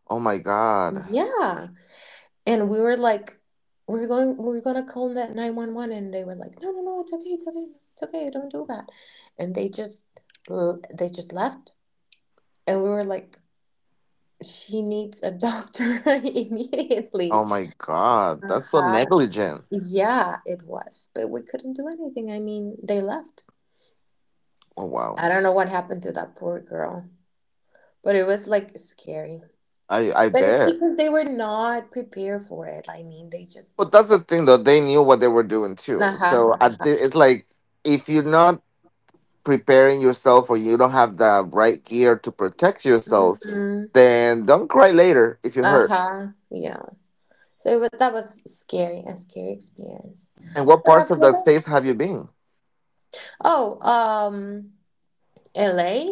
S1: Oh my god.
S2: Yeah. And we were like, we're going, we're gonna call that nine one one. And they were like, no, no, no, it's okay, it's okay, it's okay, don't do that. And they just, l- they just left. And we were like, she needs a doctor immediately.
S1: Oh my god. That's so
S2: Uh-huh.
S1: negligent.
S2: Yeah, it was, but we couldn't do anything. I mean, they left.
S1: Oh
S2: I
S1: wow.
S2: don't know what happened to that poor girl, but it was like scary.
S1: I I
S2: But it's
S1: bet.
S2: because they were not prepared for it. I mean, they just,
S1: But that's the thing though, they knew what they were doing too. So at
S2: uh
S1: the, it's like if you're not preparing yourself or you don't have the right gear to protect yourself,
S2: huh.
S1: then don't cry later if you're hurt.
S2: Uh-huh. Yeah. So but that was scary, a scary experience.
S1: And what
S2: But
S1: parts of
S2: after
S1: the
S2: that,
S1: states have you been?
S2: oh, um, L A,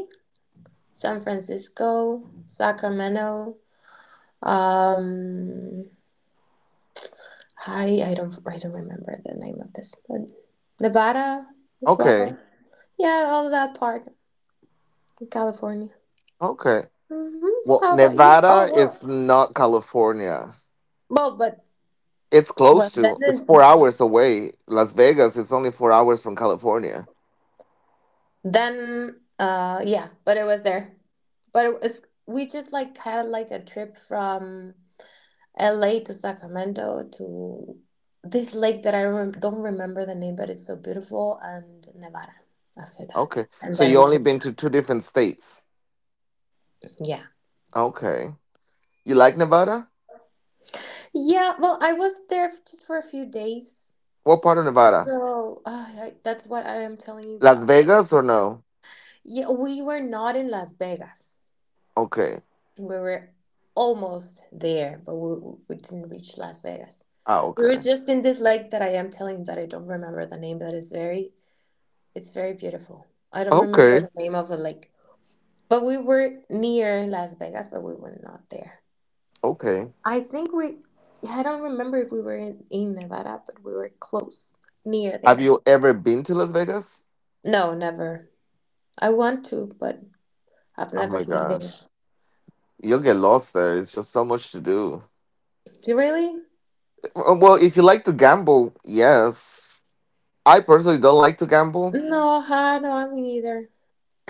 S2: San Francisco, Sacramento. Um, I I don't I don't remember the name of this, but Nevada as
S1: Okay.
S2: well. Yeah, all of that part of California.
S1: Okay.
S2: Hmm.
S1: Well,
S2: How about you? Oh
S1: Nevada
S2: well,
S1: is not California.
S2: well, but
S1: It's
S2: well,
S1: close
S2: then
S1: to. It's
S2: it's
S1: four
S2: not.
S1: hours away. Las Vegas is only four hours from California.
S2: Then, uh, yeah, but it was there. But it was we just like had like a trip from L A to Sacramento to this lake that I rem don't remember the name, but it's so beautiful, and Nevada after that.
S1: Okay.
S2: And
S1: So you
S2: then we
S1: only
S2: came
S1: been to
S2: back.
S1: two different states.
S2: Yeah.
S1: Okay. You like Nevada?
S2: Yeah, well, I was there f- just for a few days.
S1: What part of Nevada?
S2: So, uh, I, that's what I am telling you
S1: Las
S2: about.
S1: Vegas or no?
S2: Yeah, we were not in Las Vegas.
S1: Okay.
S2: We were almost there, but we, we didn't reach Las Vegas.
S1: Ah,
S2: We were
S1: okay.
S2: just in this lake that I am telling you that I don't remember the name, that is very, it's very beautiful. I don't remember
S1: Okay.
S2: the name of the lake, but we were near Las Vegas, but we were not there.
S1: Okay.
S2: I think we, yeah, I don't remember if we were in, in Nevada, but we were close, near
S1: Have
S2: there.
S1: you ever been to Las Vegas?
S2: No, never. I want to, but I've
S1: Oh
S2: never
S1: my
S2: been there.
S1: gosh. You'll get lost there. It's just so much to do.
S2: Really?
S1: Uh, Well, if you like to gamble, yes. I personally don't like to gamble.
S2: No, huh? No, me neither.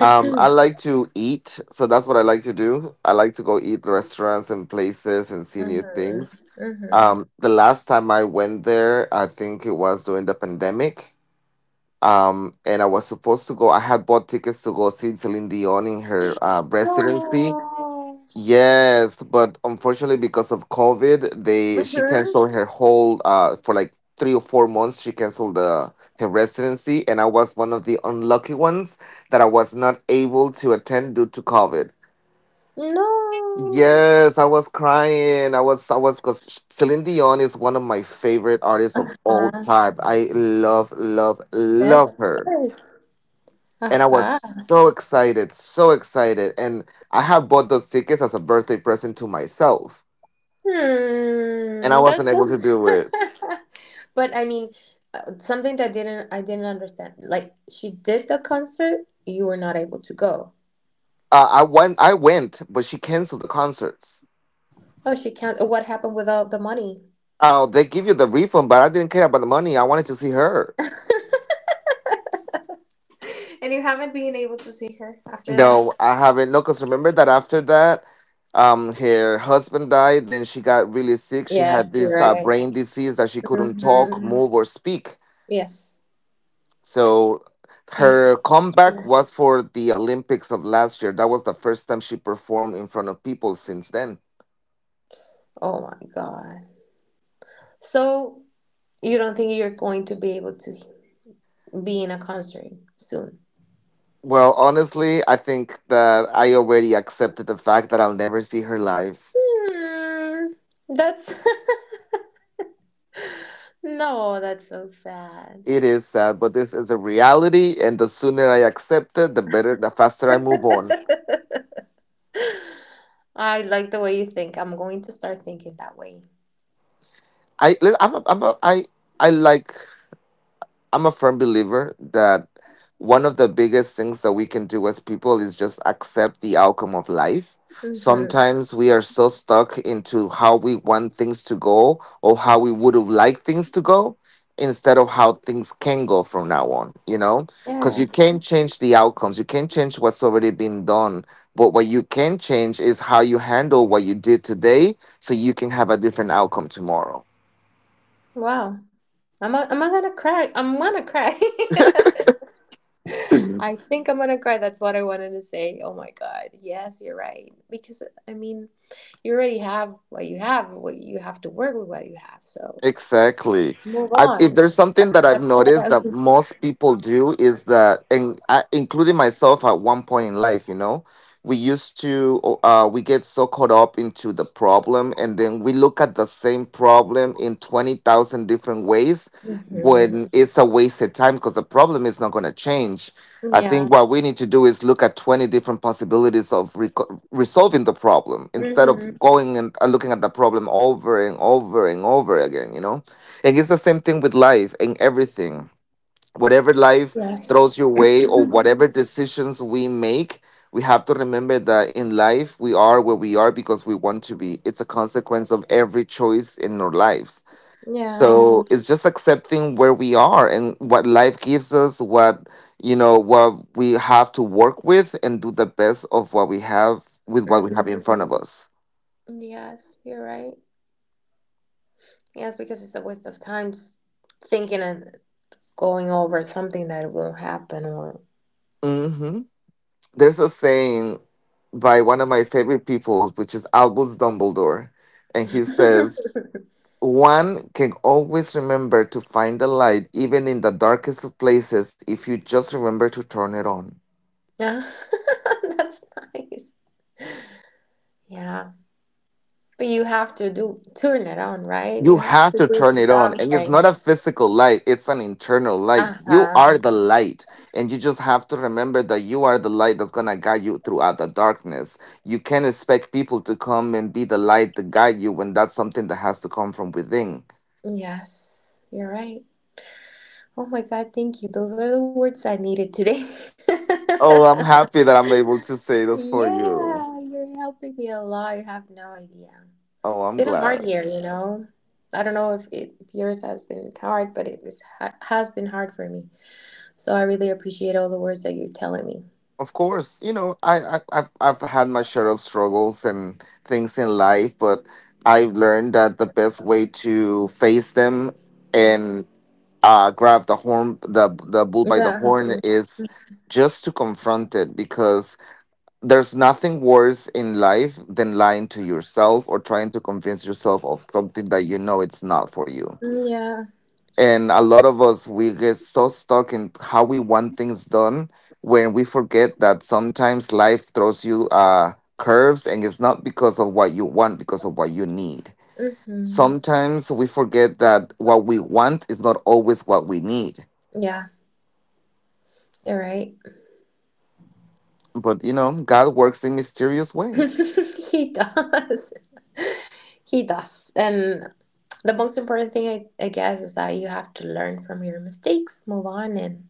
S1: Um, I like to eat, so that's what I like to do. I like to go eat restaurants and places and see new
S2: Mm-hmm.
S1: things.
S2: Mm-hmm.
S1: Um, the last time I went there, I think it was during the pandemic. Um, and I was supposed to go. I had bought tickets to go see Celine Dion in her uh, residency.
S2: No.
S1: Yes, but unfortunately, because of COVID, they she
S2: Mm-hmm.
S1: canceled her whole uh for like three or four months. She canceled the her residency, and I was one of the unlucky ones that I was not able to attend due to COVID.
S2: No.
S1: Yes, I was crying. I was, I was, because Celine Dion is one of my favorite artists of all
S2: Uh-huh.
S1: time. I love, love,
S2: Yes,
S1: love
S2: of
S1: her.
S2: course.
S1: And I was
S2: Uh-huh.
S1: so excited, so excited. And I have bought those tickets as a birthday present to myself. And I
S2: Hmm. That
S1: wasn't able to
S2: sounds.
S1: do it.
S2: But I mean, uh, something that didn't I didn't understand. Like she did the concert, you were not able to go.
S1: Uh, I went, I went, but she canceled the concerts.
S2: Oh, she can't. What happened with all the money?
S1: Oh, they give you the refund, but I didn't care about the money. I wanted to see her.
S2: And you haven't been able to see her after that.
S1: No, I haven't. No, because remember that after that, um, her husband died. Then she got really sick. She had
S2: Yes, you're
S1: this uh,
S2: right.
S1: brain disease that she couldn't talk,
S2: Hmm.
S1: move, or speak.
S2: Yes.
S1: So
S2: Yes.
S1: her comeback was for the Olympics of last year. That was the first time she performed in front of people since then.
S2: Oh my god. So you don't think you're going to be able to be in a concert soon?
S1: Well, honestly, I think that I already accepted the fact that I'll never see her live.
S2: Hmm, that's no, that's so sad.
S1: It is sad, but this is a reality, and the sooner I accept it, the better, the faster I move on.
S2: I like the way you think. I'm going to start thinking that way.
S1: I, li- I'm, a, I'm a, I, I like I'm a firm believer that one of the biggest things that we can do as people is just accept the outcome of life.
S2: Hmm.
S1: Sometimes we are so stuck into how we want things to go or how we would have liked things to go instead of how things can go from now on, you know? Because you
S2: Yeah.
S1: can't change the outcomes, you can't change what's already been done. But what you can change is how you handle what you did today so you can have a different outcome tomorrow.
S2: Wow. I'm a, I'm not gonna cry. I'm gonna cry. I think I'm gonna cry. That's what I wanted to say. Oh my God. Yes, you're right. Because I mean, you already have what you have. What you have to work with what you have. So.
S1: Exactly.
S2: Move
S1: I, if
S2: on,
S1: there's something that I've
S2: accept
S1: noticed that
S2: it.
S1: most people do is that, and I, including myself at one point in life, you know, we used to, uh, we get so caught up into the problem, and then we look at the same problem in twenty thousand different ways
S2: Mm-hmm.
S1: when it's a wasted time because the problem is not going to change. I think
S2: Yeah.
S1: what we need to do is look at twenty different possibilities of reco- resolving the problem instead of
S2: Mm-hmm.
S1: going and and looking at the problem over and over and over again, you know? And it's the same thing with life and everything. Whatever life
S2: Yes.
S1: throws your way or whatever decisions we make, we have to remember that in life we are where we are because we want to be. It's a consequence of every choice in our lives,
S2: Yeah.
S1: so, yeah, it's just accepting where we are and what life gives us, what you know, what we have to work with, and do the best of what we have with what we have in
S2: Mm-hmm.
S1: front of us.
S2: Yes, you're right. Yes, because it's a waste of time just thinking and going over something that won't happen or.
S1: hmm There's a saying by one of my favorite people, which is Albus Dumbledore, and he says, "One can always remember to find the light, even in the darkest of places, if you just remember to turn it on."
S2: Yeah, that's nice. Yeah, but you have to do turn it on, right?
S1: You
S2: You have
S1: have
S2: to
S1: to
S2: do
S1: turn it on. And it's
S2: something.
S1: not a physical light, it's an internal light.
S2: Uh
S1: You are
S2: huh.
S1: the light. And you just have to remember that you are the light that's going to guide you throughout the darkness. You can't expect people to come and be the light to guide you when that's something that has to come from within.
S2: Yes, you're right. Oh my God, thank you. Those are the words I needed today.
S1: Oh, I'm happy that I'm able to say this for you.
S2: Yeah, you're helping me a lot. You have no idea.
S1: Oh,
S2: It's
S1: I'm
S2: been a hard
S1: glad.
S2: year, you know. I don't know if it, if yours has been hard, but it is, ha has been hard for me. So I really appreciate all the words that you're telling me.
S1: Of course, you know, I, I I've, I've had my share of struggles and things in life, but I've learned that the best way to face them and uh, grab the horn, the the bull by the
S2: Yeah.
S1: horn is just to confront it because there's nothing worse in life than lying to yourself or trying to convince yourself of something that you know it's not for you.
S2: Yeah.
S1: And a lot of us we get so stuck in how we want things done when we forget that sometimes life throws you uh curves and it's not because of what you want because of what you need.
S2: Hmm.
S1: Sometimes we forget that what we want is not always what we need.
S2: Yeah, you're right.
S1: But you know, God works in mysterious ways.
S2: He does. He does. And the most important thing I, I guess is that you have to learn from your mistakes, move on and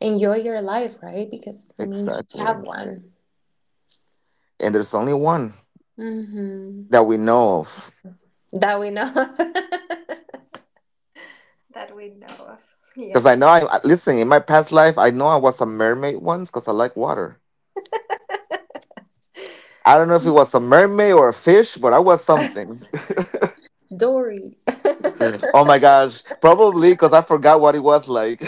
S2: enjoy your life, right? Because I mean, you should have
S1: Exactly.
S2: one.
S1: And there's only one
S2: Hmm,
S1: that we know of.
S2: that we know of. That we know of.
S1: Because
S2: Yeah.
S1: I know I I- listen, in my past life, I know I was a mermaid once because I like water. I don't know if it was a mermaid or a fish, but I was something.
S2: Dory.
S1: Oh my gosh. Probably because I forgot what it was like.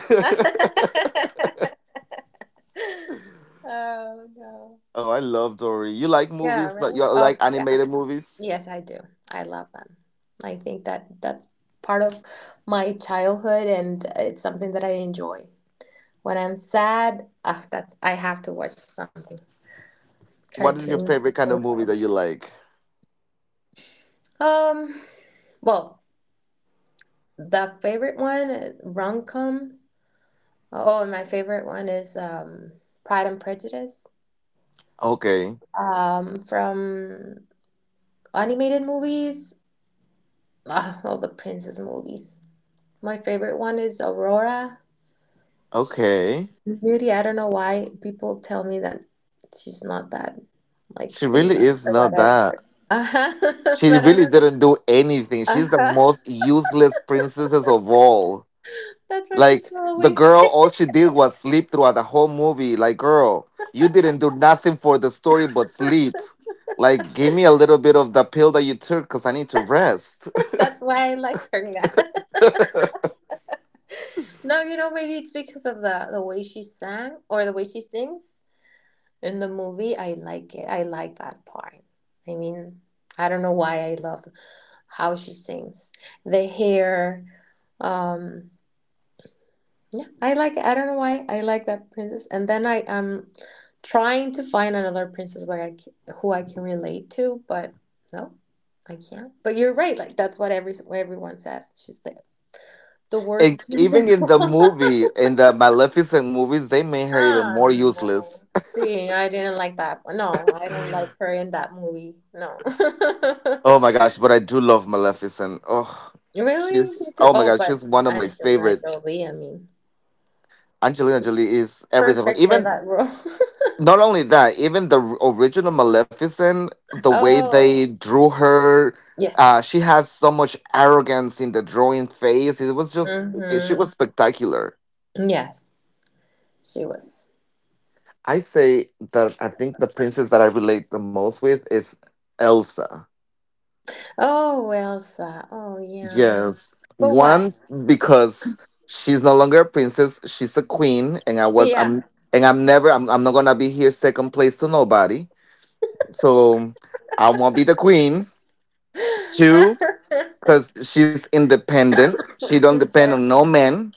S2: Oh no,
S1: Oh, I love Dory. You like
S2: yeah,
S1: movies? Like
S2: right.
S1: you
S2: Oh
S1: like
S2: yeah,
S1: animated movies?
S2: yes I do. I love them. I think that that's part of my childhood and it's something that I enjoy. When I'm sad, ah, that's I have to watch something,
S1: What is your
S2: cartoon
S1: favorite kind
S2: or
S1: of movie that you like?
S2: um. Well, the favorite one is rom-coms. Oh, and my favorite one is um Pride and Prejudice.
S1: Okay.
S2: Um, from animated movies, ah, all the princess movies. My favorite one is Aurora
S1: Okay.
S2: Beauty. I don't know why people tell me that she's not that like
S1: She really
S2: famous
S1: is
S2: or
S1: not
S2: whatever.
S1: that.
S2: Uh-huh.
S1: She
S2: But I
S1: really
S2: don't know.
S1: didn't do anything. She's the
S2: Uh-huh.
S1: most useless princesses of all.
S2: That's what
S1: Like
S2: people
S1: the
S2: always.
S1: girl, all she did was sleep throughout the whole movie. Like, girl, you didn't do nothing for the story but sleep. Like, give me a little bit of the pill that you took because I need to rest.
S2: That's why I like her now. No, you know, maybe it's because of the the way she sang or the way she sings in the movie. I like it. I like that part. I mean, I don't know why I love how she sings. The hair. Um, yeah, I like it. I don't know why I like that princess. And then I am trying to find another princess where I c- who I can relate to, but no, I can't. But you're right. Like that's what every what everyone says. She's the The
S1: And
S2: worst
S1: even
S2: princess.
S1: in the movie, in the Maleficent movies, they made her even
S2: Ah,
S1: more
S2: no.
S1: useless.
S2: See, I didn't like that. No, I don't like her in that movie. No.
S1: Oh my gosh, but I do love Maleficent. Oh,
S2: Really? You
S1: she's
S2: do-
S1: Oh my
S2: Oh,
S1: gosh,
S2: but
S1: she's one of my
S2: Angelina
S1: favorite.
S2: Jolie, I mean,
S1: Angelina Jolie is everything.
S2: perfect for
S1: Even
S2: that role.
S1: Not only that, even the r- original Maleficent, the way
S2: Oh,
S1: they drew her, uh,
S2: yes.
S1: she has so much arrogance in the drawing face. It was just, it, she
S2: Mm-hmm.
S1: was spectacular.
S2: Yes, she was.
S1: I say that I think the princess that I relate the most with is Elsa.
S2: Oh, Elsa. Oh, yeah.
S1: Yes.
S2: But why?
S1: One, because she's no longer a princess, she's a queen, and I was,
S2: Yeah.
S1: I'm, and I'm never, I'm, I'm not gonna be here second place to nobody. So I won't be the queen.
S2: I'm
S1: Two, because she's independent. She don't depend on
S2: sorry.
S1: no man.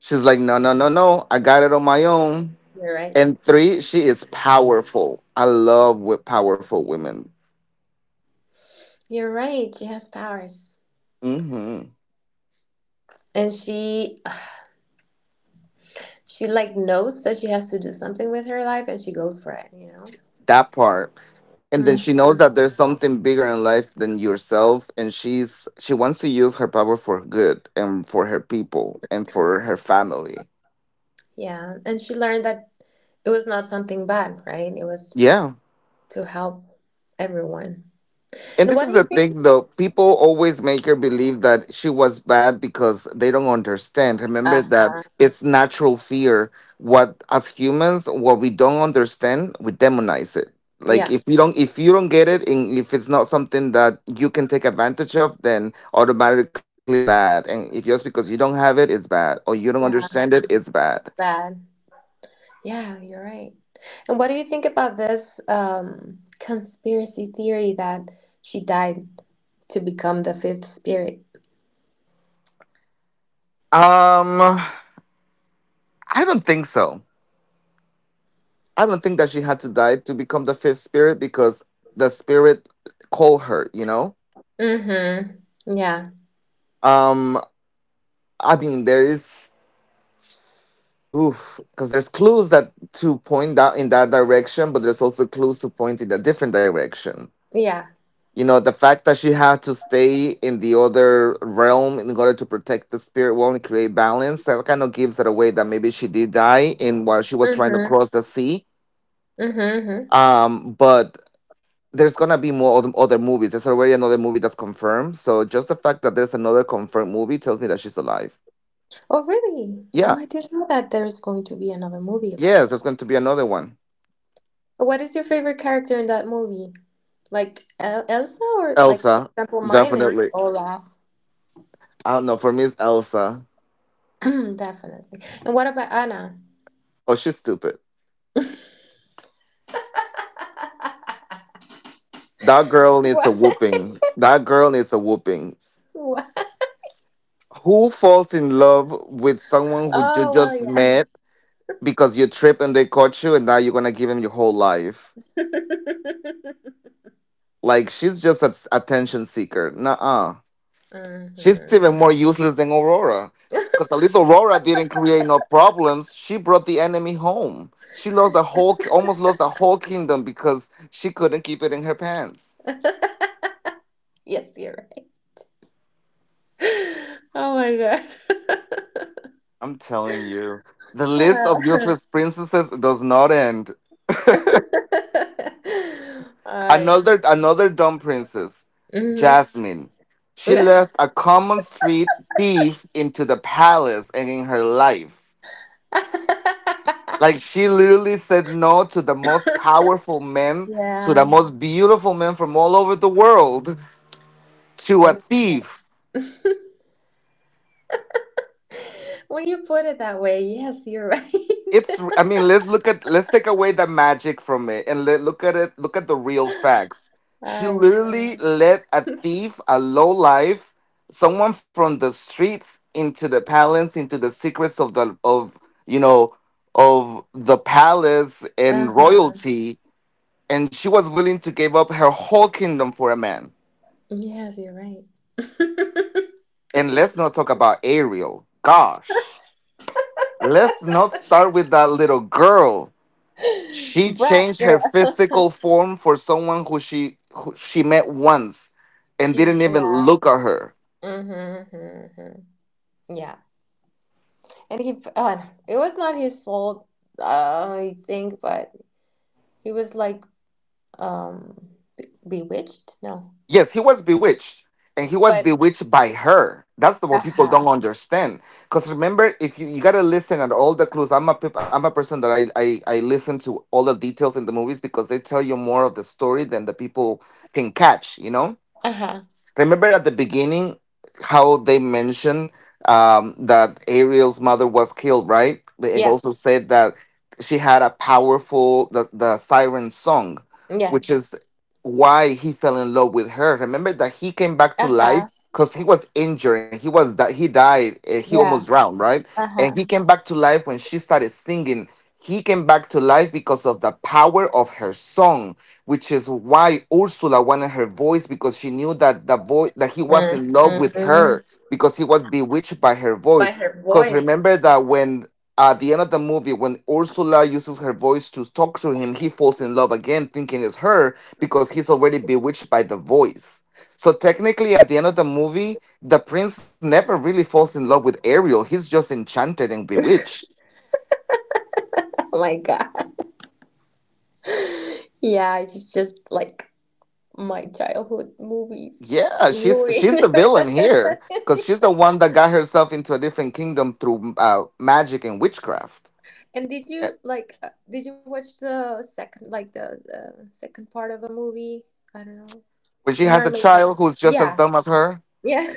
S1: She's like, no, no, no, no. I got it on my own.
S2: You're right.
S1: And three, she is powerful. I love with powerful women.
S2: You're right. She has powers.
S1: hmm
S2: And she she like knows that she has to do something with her life and she goes for it, you know?
S1: That part. And then she
S2: Mhm.
S1: knows that there's something bigger in life than yourself, and she's she wants to use her power for good and for her people and for her family.
S2: Yeah. And she learned that it was not something bad, right? It was
S1: Yeah.
S2: to help everyone.
S1: And
S2: And
S1: this
S2: what
S1: is
S2: do
S1: the
S2: you think?
S1: thing, though. People always make her believe that she was bad because they don't understand. Remember that
S2: Uh-huh.
S1: it's natural fear. What As humans, what we don't understand, we demonize it. Like
S2: Yeah.
S1: if you don't, if you don't get it, and if it's not something that you can take advantage of, then automatically it's bad. And if just because you don't have it, it's bad, or you don't
S2: Yeah.
S1: understand it, it's bad.
S2: Bad. Yeah, you're right. And what do you think about this um, conspiracy theory that she died to become the fifth spirit?
S1: Um, I don't think so. I don't think that she had to die to become the fifth spirit because the spirit called her, you know?
S2: Mm-hmm. Yeah.
S1: Um, I mean, there is, oof, because there's clues that to point out in that direction, but there's also clues to point in a different direction.
S2: Yeah.
S1: You know, the fact that she had to stay in the other realm in order to protect the spirit world and create balance, that kind of gives it away that maybe she did die in while she was trying to
S2: Mm-hmm.
S1: cross the sea.
S2: Mm-hmm. Mm-hmm.
S1: Um, but there's gonna be more oth- other movies. There's already another movie that's confirmed. So just the fact that there's another confirmed movie tells me that she's alive.
S2: Oh, really? Oh,
S1: Yeah.
S2: I didn't know that there's going to be another movie about
S1: Yes,
S2: them.
S1: there's going to be another one.
S2: What is your favorite character in that movie? Like El Elsa, or like for
S1: Elsa,
S2: example, mine is
S1: definitely.
S2: Olaf,
S1: I don't know. For me, it's Elsa.
S2: definitely. And what about Anna?
S1: Oh, she's stupid. That girl needs a
S2: What?
S1: whooping. That girl needs a whooping.
S2: What?
S1: Who falls in love with someone who you
S2: Oh, well,
S1: just
S2: yeah.
S1: met because you trip and they caught you and now you're gonna give him your whole life? Like she's just an attention seeker. Nuh-uh. She's even more
S2: Hmm.
S1: useless than Aurora. Because at least Aurora didn't create no problems. She brought the enemy home. She lost the whole, almost lost the whole kingdom because she couldn't keep it in her pants.
S2: Yes, you're right. Oh my God.
S1: I'm telling you, the list of useless princesses does not end.
S2: I.
S1: Another, another dumb princess,
S2: Hmm.
S1: Jasmine. She left a common street thief into the palace and in her life. Like she literally said no to the most powerful men, to the
S2: Yeah.
S1: most beautiful men from all over the world, to a
S2: There's a cat.
S1: thief.
S2: When you put it that way, yes, you're right.
S1: It's I mean, let's look at let's take away the magic from it and let look at it, look at the real facts. She
S2: I
S1: literally
S2: know.
S1: let a thief, a low life, someone from the streets into the palace, into the secrets of the of you know of the palace
S2: Uh
S1: and
S2: huh.
S1: royalty, and she was willing to give up her whole kingdom for a man.
S2: Yes, you're right.
S1: And let's not talk about Ariel. Gosh, let's not start with that little girl. She
S2: Brat
S1: changed her
S2: girl.
S1: physical form for someone who she who she met once and
S2: She's
S1: didn't even
S2: yeah.
S1: look at her.
S2: Mm-hmm, mm-hmm. Yeah. And he. Oh, and it was not his fault. Uh, I think, but he was like um be- bewitched. No,
S1: Yes, he was bewitched and he was
S2: but
S1: bewitched by her. That's the
S2: uh
S1: what people
S2: huh.
S1: don't understand. Cuz remember if you you got to listen at all the clues. I'm a peop- I'm a person that I, I I listen to all the details in the movies because they tell you more of the story than the people can catch, you know?
S2: Uh huh.
S1: Remember at the beginning how they mentioned um, that Ariel's mother was killed, right? And
S2: Yeah.
S1: also said that she had a powerful the, the siren song, which
S2: Yes.
S1: is why he fell in love with her. Remember that he came back to
S2: Uh
S1: life
S2: huh.
S1: because he was injured and he was that he died. eh, He almost
S2: Yeah.
S1: drowned, right?
S2: Uh
S1: And
S2: huh.
S1: he came back to life when she started singing. He came back to life because of the power of her song, which is why Ursula wanted her voice because she knew that the voice that he was in love with
S2: Hmm.
S1: her because he was bewitched by her
S2: By
S1: voice.
S2: her
S1: Because
S2: voice.
S1: remember that when at the end of the movie, when Ursula uses her voice to talk to him, he falls in love again, thinking it's her because he's already bewitched by the voice. So technically, at the end of the movie, the prince never really falls in love with Ariel. He's just enchanted and bewitched.
S2: Oh my god. Yeah, it's just like my childhood movies
S1: Yeah, she's she's the
S2: ruin.
S1: villain here because she's the one that got herself into a different kingdom through uh, magic and witchcraft.
S2: And did
S1: Eh,
S2: you like uh, did you watch the second like the, the second part of a movie? I don't know.
S1: When she
S2: The
S1: has a
S2: Mermaid. No.
S1: child who's just
S2: Yeah.
S1: as dumb as her.
S2: Yeah.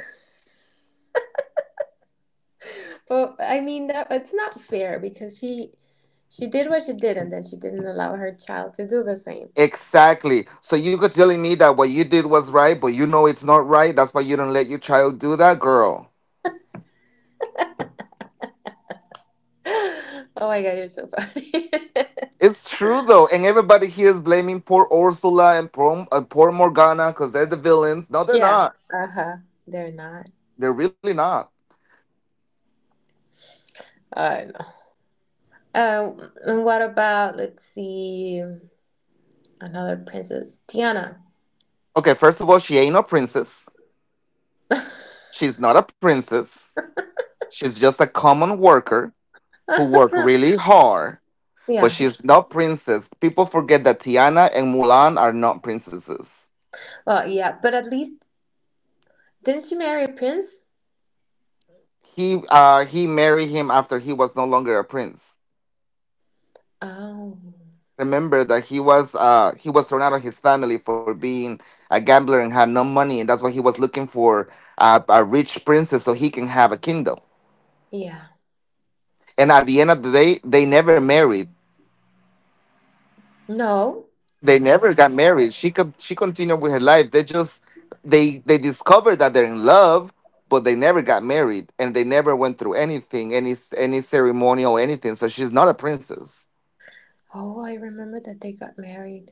S2: But I mean that it's not fair because she she did what she did and then she didn't allow her child to do the same.
S1: Exactly. So you could telling me that what you did was right, but you know it's not right. That's why you don't let your child do that, girl.
S2: Oh my God, you're so funny.
S1: It's true though, and everybody here is blaming poor Ursula and poor, uh, poor Morgana because they're the villains. No, they're
S2: Yeah.
S1: not.
S2: Uh-huh. They're not.
S1: They're really not.
S2: Uh Uh, and what about, let's see, another princess, Tiana?
S1: Okay, first of all, she ain't no princess. She's not a princess. She's just a common worker who worked really hard, but
S2: Yeah.
S1: she's not princess. People forget that Tiana and Mulan are not princesses.
S2: Well, yeah, but at least didn't she marry a prince?
S1: He uh he married him after he was no longer a prince.
S2: Oh,
S1: Remember that he was uh he was thrown out of his family for being a gambler and had no money, and that's why he was looking for uh, a rich princess so he can have a kingdom.
S2: yeah.
S1: And at the end of the day, they never married.
S2: No.
S1: They never got married. She com- she continued with her life. They just they they discovered that they're in love, but they never got married, and they never went through anything, any any ceremonial anything. So she's not a princess.
S2: Oh, I remember that they got married.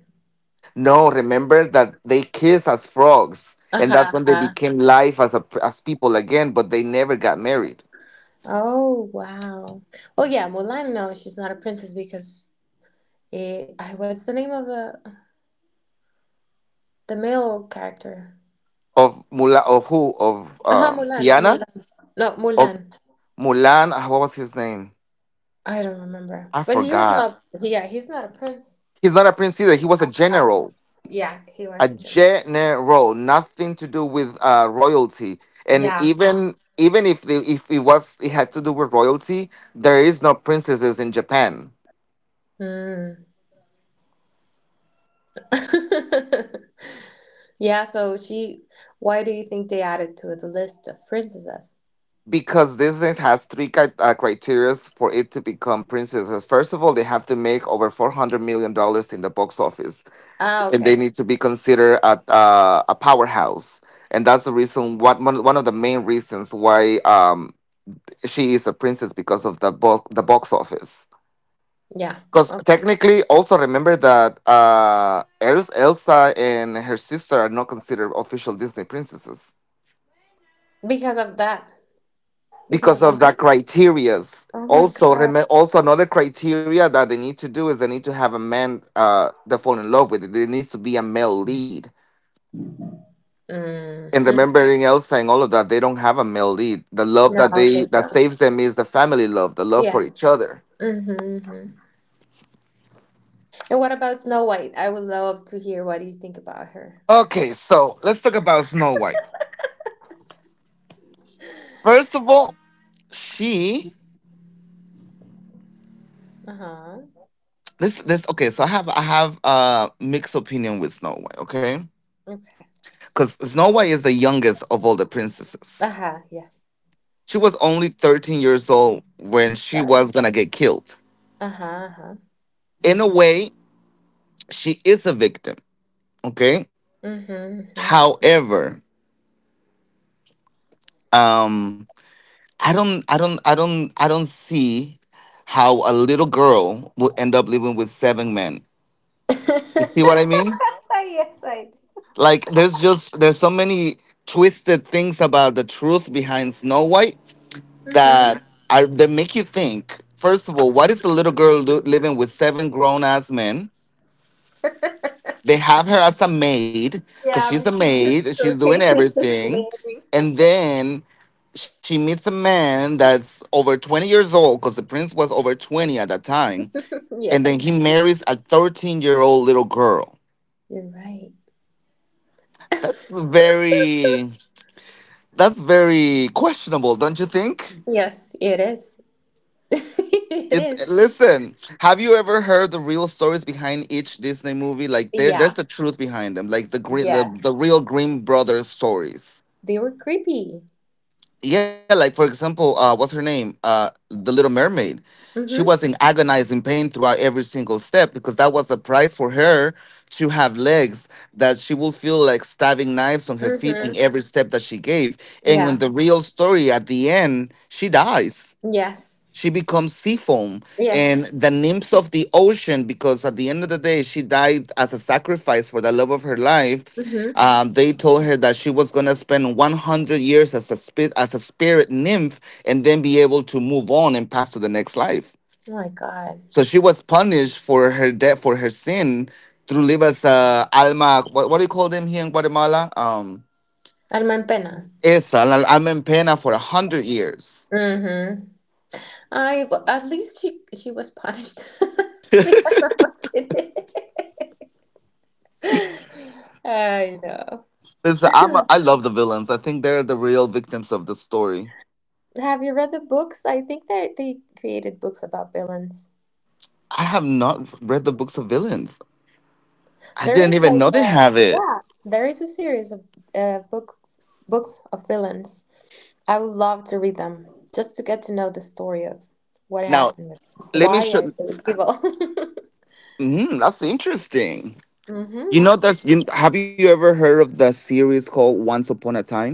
S1: No, remember that they kiss as frogs, and that's
S2: Uh-huh.
S1: when they
S2: Uh-huh.
S1: became life as a as people again. But they never got married.
S2: Oh, wow. Well, yeah, Mulan, no, she's not a princess because eh, I what's the name of the the male character?
S1: Of Mula of who of
S2: Uh-huh,
S1: uh
S2: Mulan,
S1: Tiana
S2: Mulan. No, Mulan.
S1: of Mulan. ah, What was his name?
S2: I don't remember.
S1: I
S2: But he was
S1: forgot.
S2: not, yeah, he's not a prince.
S1: He's not a prince either. He was a general.
S2: Yeah, he
S1: A
S2: was a Gemini.
S1: general, nothing to do with uh, royalty. And
S2: Yeah.
S1: even even if the, if it was it had to do with royalty, there is no princesses in Japan
S2: Mm. Yeah, so she, why do you think they added to the list of princesses?
S1: because Disney has three cri- uh, criteria for it to become princesses. First of all, they have to make over four hundred million dollars in the box office,
S2: Ah,
S1: and they
S2: okay.
S1: need to be considered a uh, a powerhouse. And that's the reason what one one of the main reasons why um, she is a princess because of the bo- the box office.
S2: Yeah,
S1: Because
S2: okay.
S1: technically, also remember that uh, Els- Elsa and her sister are not considered official Disney princesses
S2: Because of that. Because of
S1: because
S2: the
S1: of
S2: money?
S1: that criteria.
S2: Oh my
S1: Also,
S2: God.
S1: remember, also another criteria that they need to do is they need to have a man uh, that fall in love with it. There needs to be a male lead. And
S2: Mm-hmm.
S1: remembering Elsa and all of that, they don't have a male lead. The love
S2: No,
S1: that they
S2: they
S1: that
S2: don't.
S1: saves them is the family love, the love for each
S2: Yes.
S1: other.
S2: Mm-hmm. And what about Snow White? I would love to hear what you think about her.
S1: Okay, so let's talk about Snow White. First of all, she
S2: Uh-huh.
S1: This this okay. So I have I have a mixed opinion with Snow White. Okay,
S2: Okay.
S1: because Snow White is the youngest of all the princesses.
S2: Uh-huh. Yeah.
S1: She was only thirteen years old when she
S2: Got it.
S1: was gonna get killed.
S2: Uh-huh. Uh-huh.
S1: In a way, she is a victim. Okay.
S2: Mm-hmm.
S1: However, um, I don't I don't I don't I don't see how a little girl will end up living with seven men. You see what I mean?
S2: Yes, I do.
S1: Like there's just there's so many twisted things about the truth behind Snow White
S2: Hmm.
S1: that are they make you think. First of all, what is a little girl do, living with seven grown ass men? They have her as a maid because
S2: Yeah,
S1: she's a
S2: because his
S1: maid. She's doing
S2: cocaine is
S1: everything,
S2: landing.
S1: and then she meets a man that's over twenty years old because the prince was over twenty at that time, and then
S2: Yes,
S1: he marries a thirteen-year-old little girl.
S2: you're right.
S1: That's very that's very questionable, don't you think?
S2: Yes, it is. It
S1: It's
S2: is.
S1: listen. Have you ever heard the real stories behind each Disney movie? Like there, there's
S2: Yeah.
S1: the truth behind them. Like the green, the, the
S2: Yes.
S1: real Grimm brothers stories.
S2: They were creepy.
S1: Yeah, like for example, uh, what's her name? Uh, the Little Mermaid. She was
S2: Mm-hmm.
S1: in agonizing pain throughout every single step because that was the price for her to have legs that she will feel like stabbing knives on her feet
S2: Mm-hmm.
S1: in every step that she gave. And in
S2: Yeah.
S1: the real story, at the end, she dies
S2: Yes.
S1: she becomes sea foam and
S2: Yes.
S1: the nymphs of the ocean, because at the end of the day, she died as a sacrifice for the love of her life.
S2: Mm-hmm.
S1: Um, they told her that she was going to spend one hundred years as a, spirit, as a spirit nymph and then be able to move on and pass to the next life.
S2: Oh my God.
S1: So she was punished for her death, for her sin through live as a alma, what, what do you call them here in Guatemala? Um,
S2: Alma en pena.
S1: esa, la alma en pena for one hundred years.
S2: Mm-hmm. I well, at least she she was punished because of what she did. I know.
S1: Listen, I'm a, I love the villains. I think they're the real victims of the story.
S2: Have you read the books? I think that they created books about villains.
S1: I have not read the books of villains. I
S2: There
S1: didn't
S2: is
S1: even
S2: like
S1: know they
S2: a,
S1: have it.
S2: yeah, there is a series of uh, book books of villains. I would love to read them just to get to know the story of what
S1: Now,
S2: happened with
S1: let me
S2: why
S1: show.
S2: are they evil.
S1: Mm, that's interesting. You
S2: Hmm.
S1: know, there's. You, have you ever heard of the series called Once Upon a Time?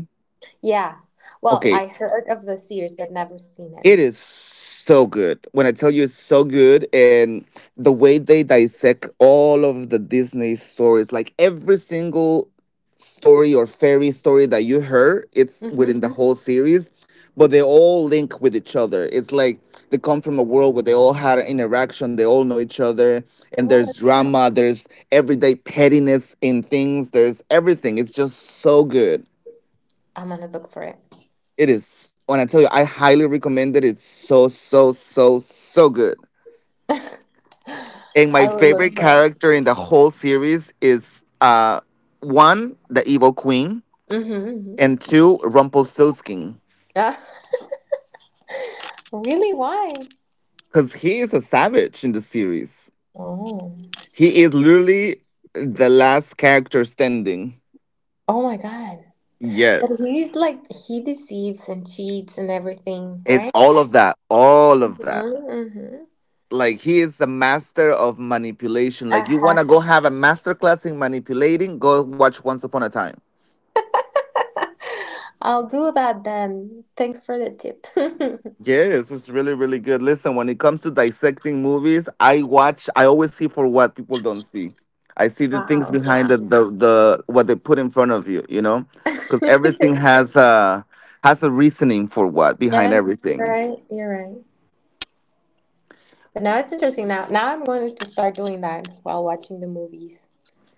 S2: Yeah. Well,
S1: Okay,
S2: I heard of the series but never seen it.
S1: it is so good. When I tell you it's so good, and the way they dissect all of the Disney stories, like every single story or fairy story that you heard, it's within
S2: Hmm.
S1: the hmm whole series, but they all link with each other. It's like they come from a world where they all had an interaction, they all know each other, and
S2: Well,
S1: there's
S2: that's cool.
S1: drama, there's everyday pettiness in things, there's everything. It's just so good.
S2: I'm gonna look for it.
S1: It is. When I tell you, I highly recommend it. It's so, so, so, so good. And my
S2: I will
S1: favorite
S2: look for
S1: character in the whole series is uh, one, the evil queen,
S2: it. Mm-hmm.
S1: and two, Rumpelstiltskin.
S2: Really? Why?
S1: Because he is a savage in the series.
S2: Oh.
S1: He is literally the last character standing.
S2: Oh my God. But
S1: Yes.
S2: he's like he deceives and cheats and everything,
S1: It's
S2: right?
S1: all of that. All of
S2: Mhm,
S1: that.
S2: mhm.
S1: Like he is the master of manipulation. Like you
S2: Huh.
S1: wanna go have a master class in manipulating, go watch Once Upon a Time.
S2: I'll do that then. Thanks for the tip.
S1: Yes, it's really, really good. Listen, when it comes to dissecting movies, I watch, I always see for what people don't see. I see the things
S2: Wow,
S1: behind
S2: yeah.
S1: the the, the what they put in front of you, you know, because everything has a has a reasoning for what behind
S2: Yes, you're
S1: everything.
S2: right. You're right. But now it's interesting. Now, now I'm going to start doing that while watching the movies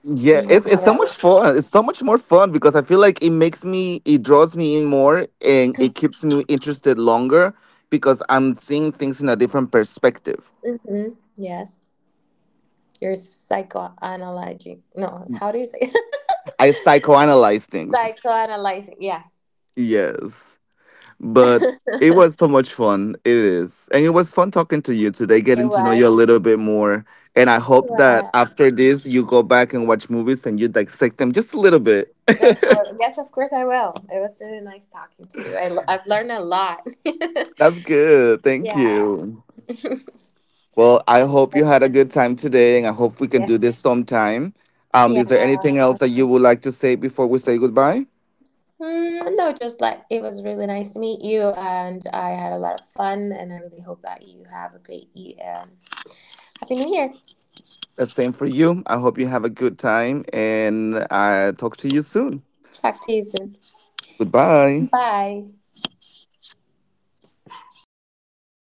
S1: Yeah,
S2: because
S1: it's
S2: you're
S1: it's so much
S2: right.
S1: fun. It's so much more fun because I feel like it makes me, it draws me in more, and it keeps me interested longer because I'm seeing things in a different perspective.
S2: Mm-hmm. Yes, you're psychoanalyzing. No, how do you say?
S1: I psychoanalyze things.
S2: Psychoanalyzing. Yeah,
S1: Yes. But it was
S2: it
S1: so much fun. It is. And it was fun talking to you today, getting to know you a
S2: was.
S1: little bit more. And I hope that
S2: Uh,
S1: after this, you go back and watch movies and you dissect them just a little bit.
S2: just a little- yes, of course I will. It was really nice talking to you. I, l- I've learned a lot.
S1: That's good. Thank
S2: Yeah.
S1: you. Well, I hope you
S2: Yeah.
S1: had a good time today, and I hope we can
S2: Yes.
S1: do this sometime. Um,
S2: Yeah.
S1: is there anything else that you would like to say before we say goodbye?
S2: Mm, no, just like it was really nice to meet you, and I had a lot of fun, and I really hope that you have a great e- um, Happy New Year.
S1: The same for you. I hope you have a good time, and I talk to you soon.
S2: Talk to you soon.
S1: Goodbye.
S2: Bye.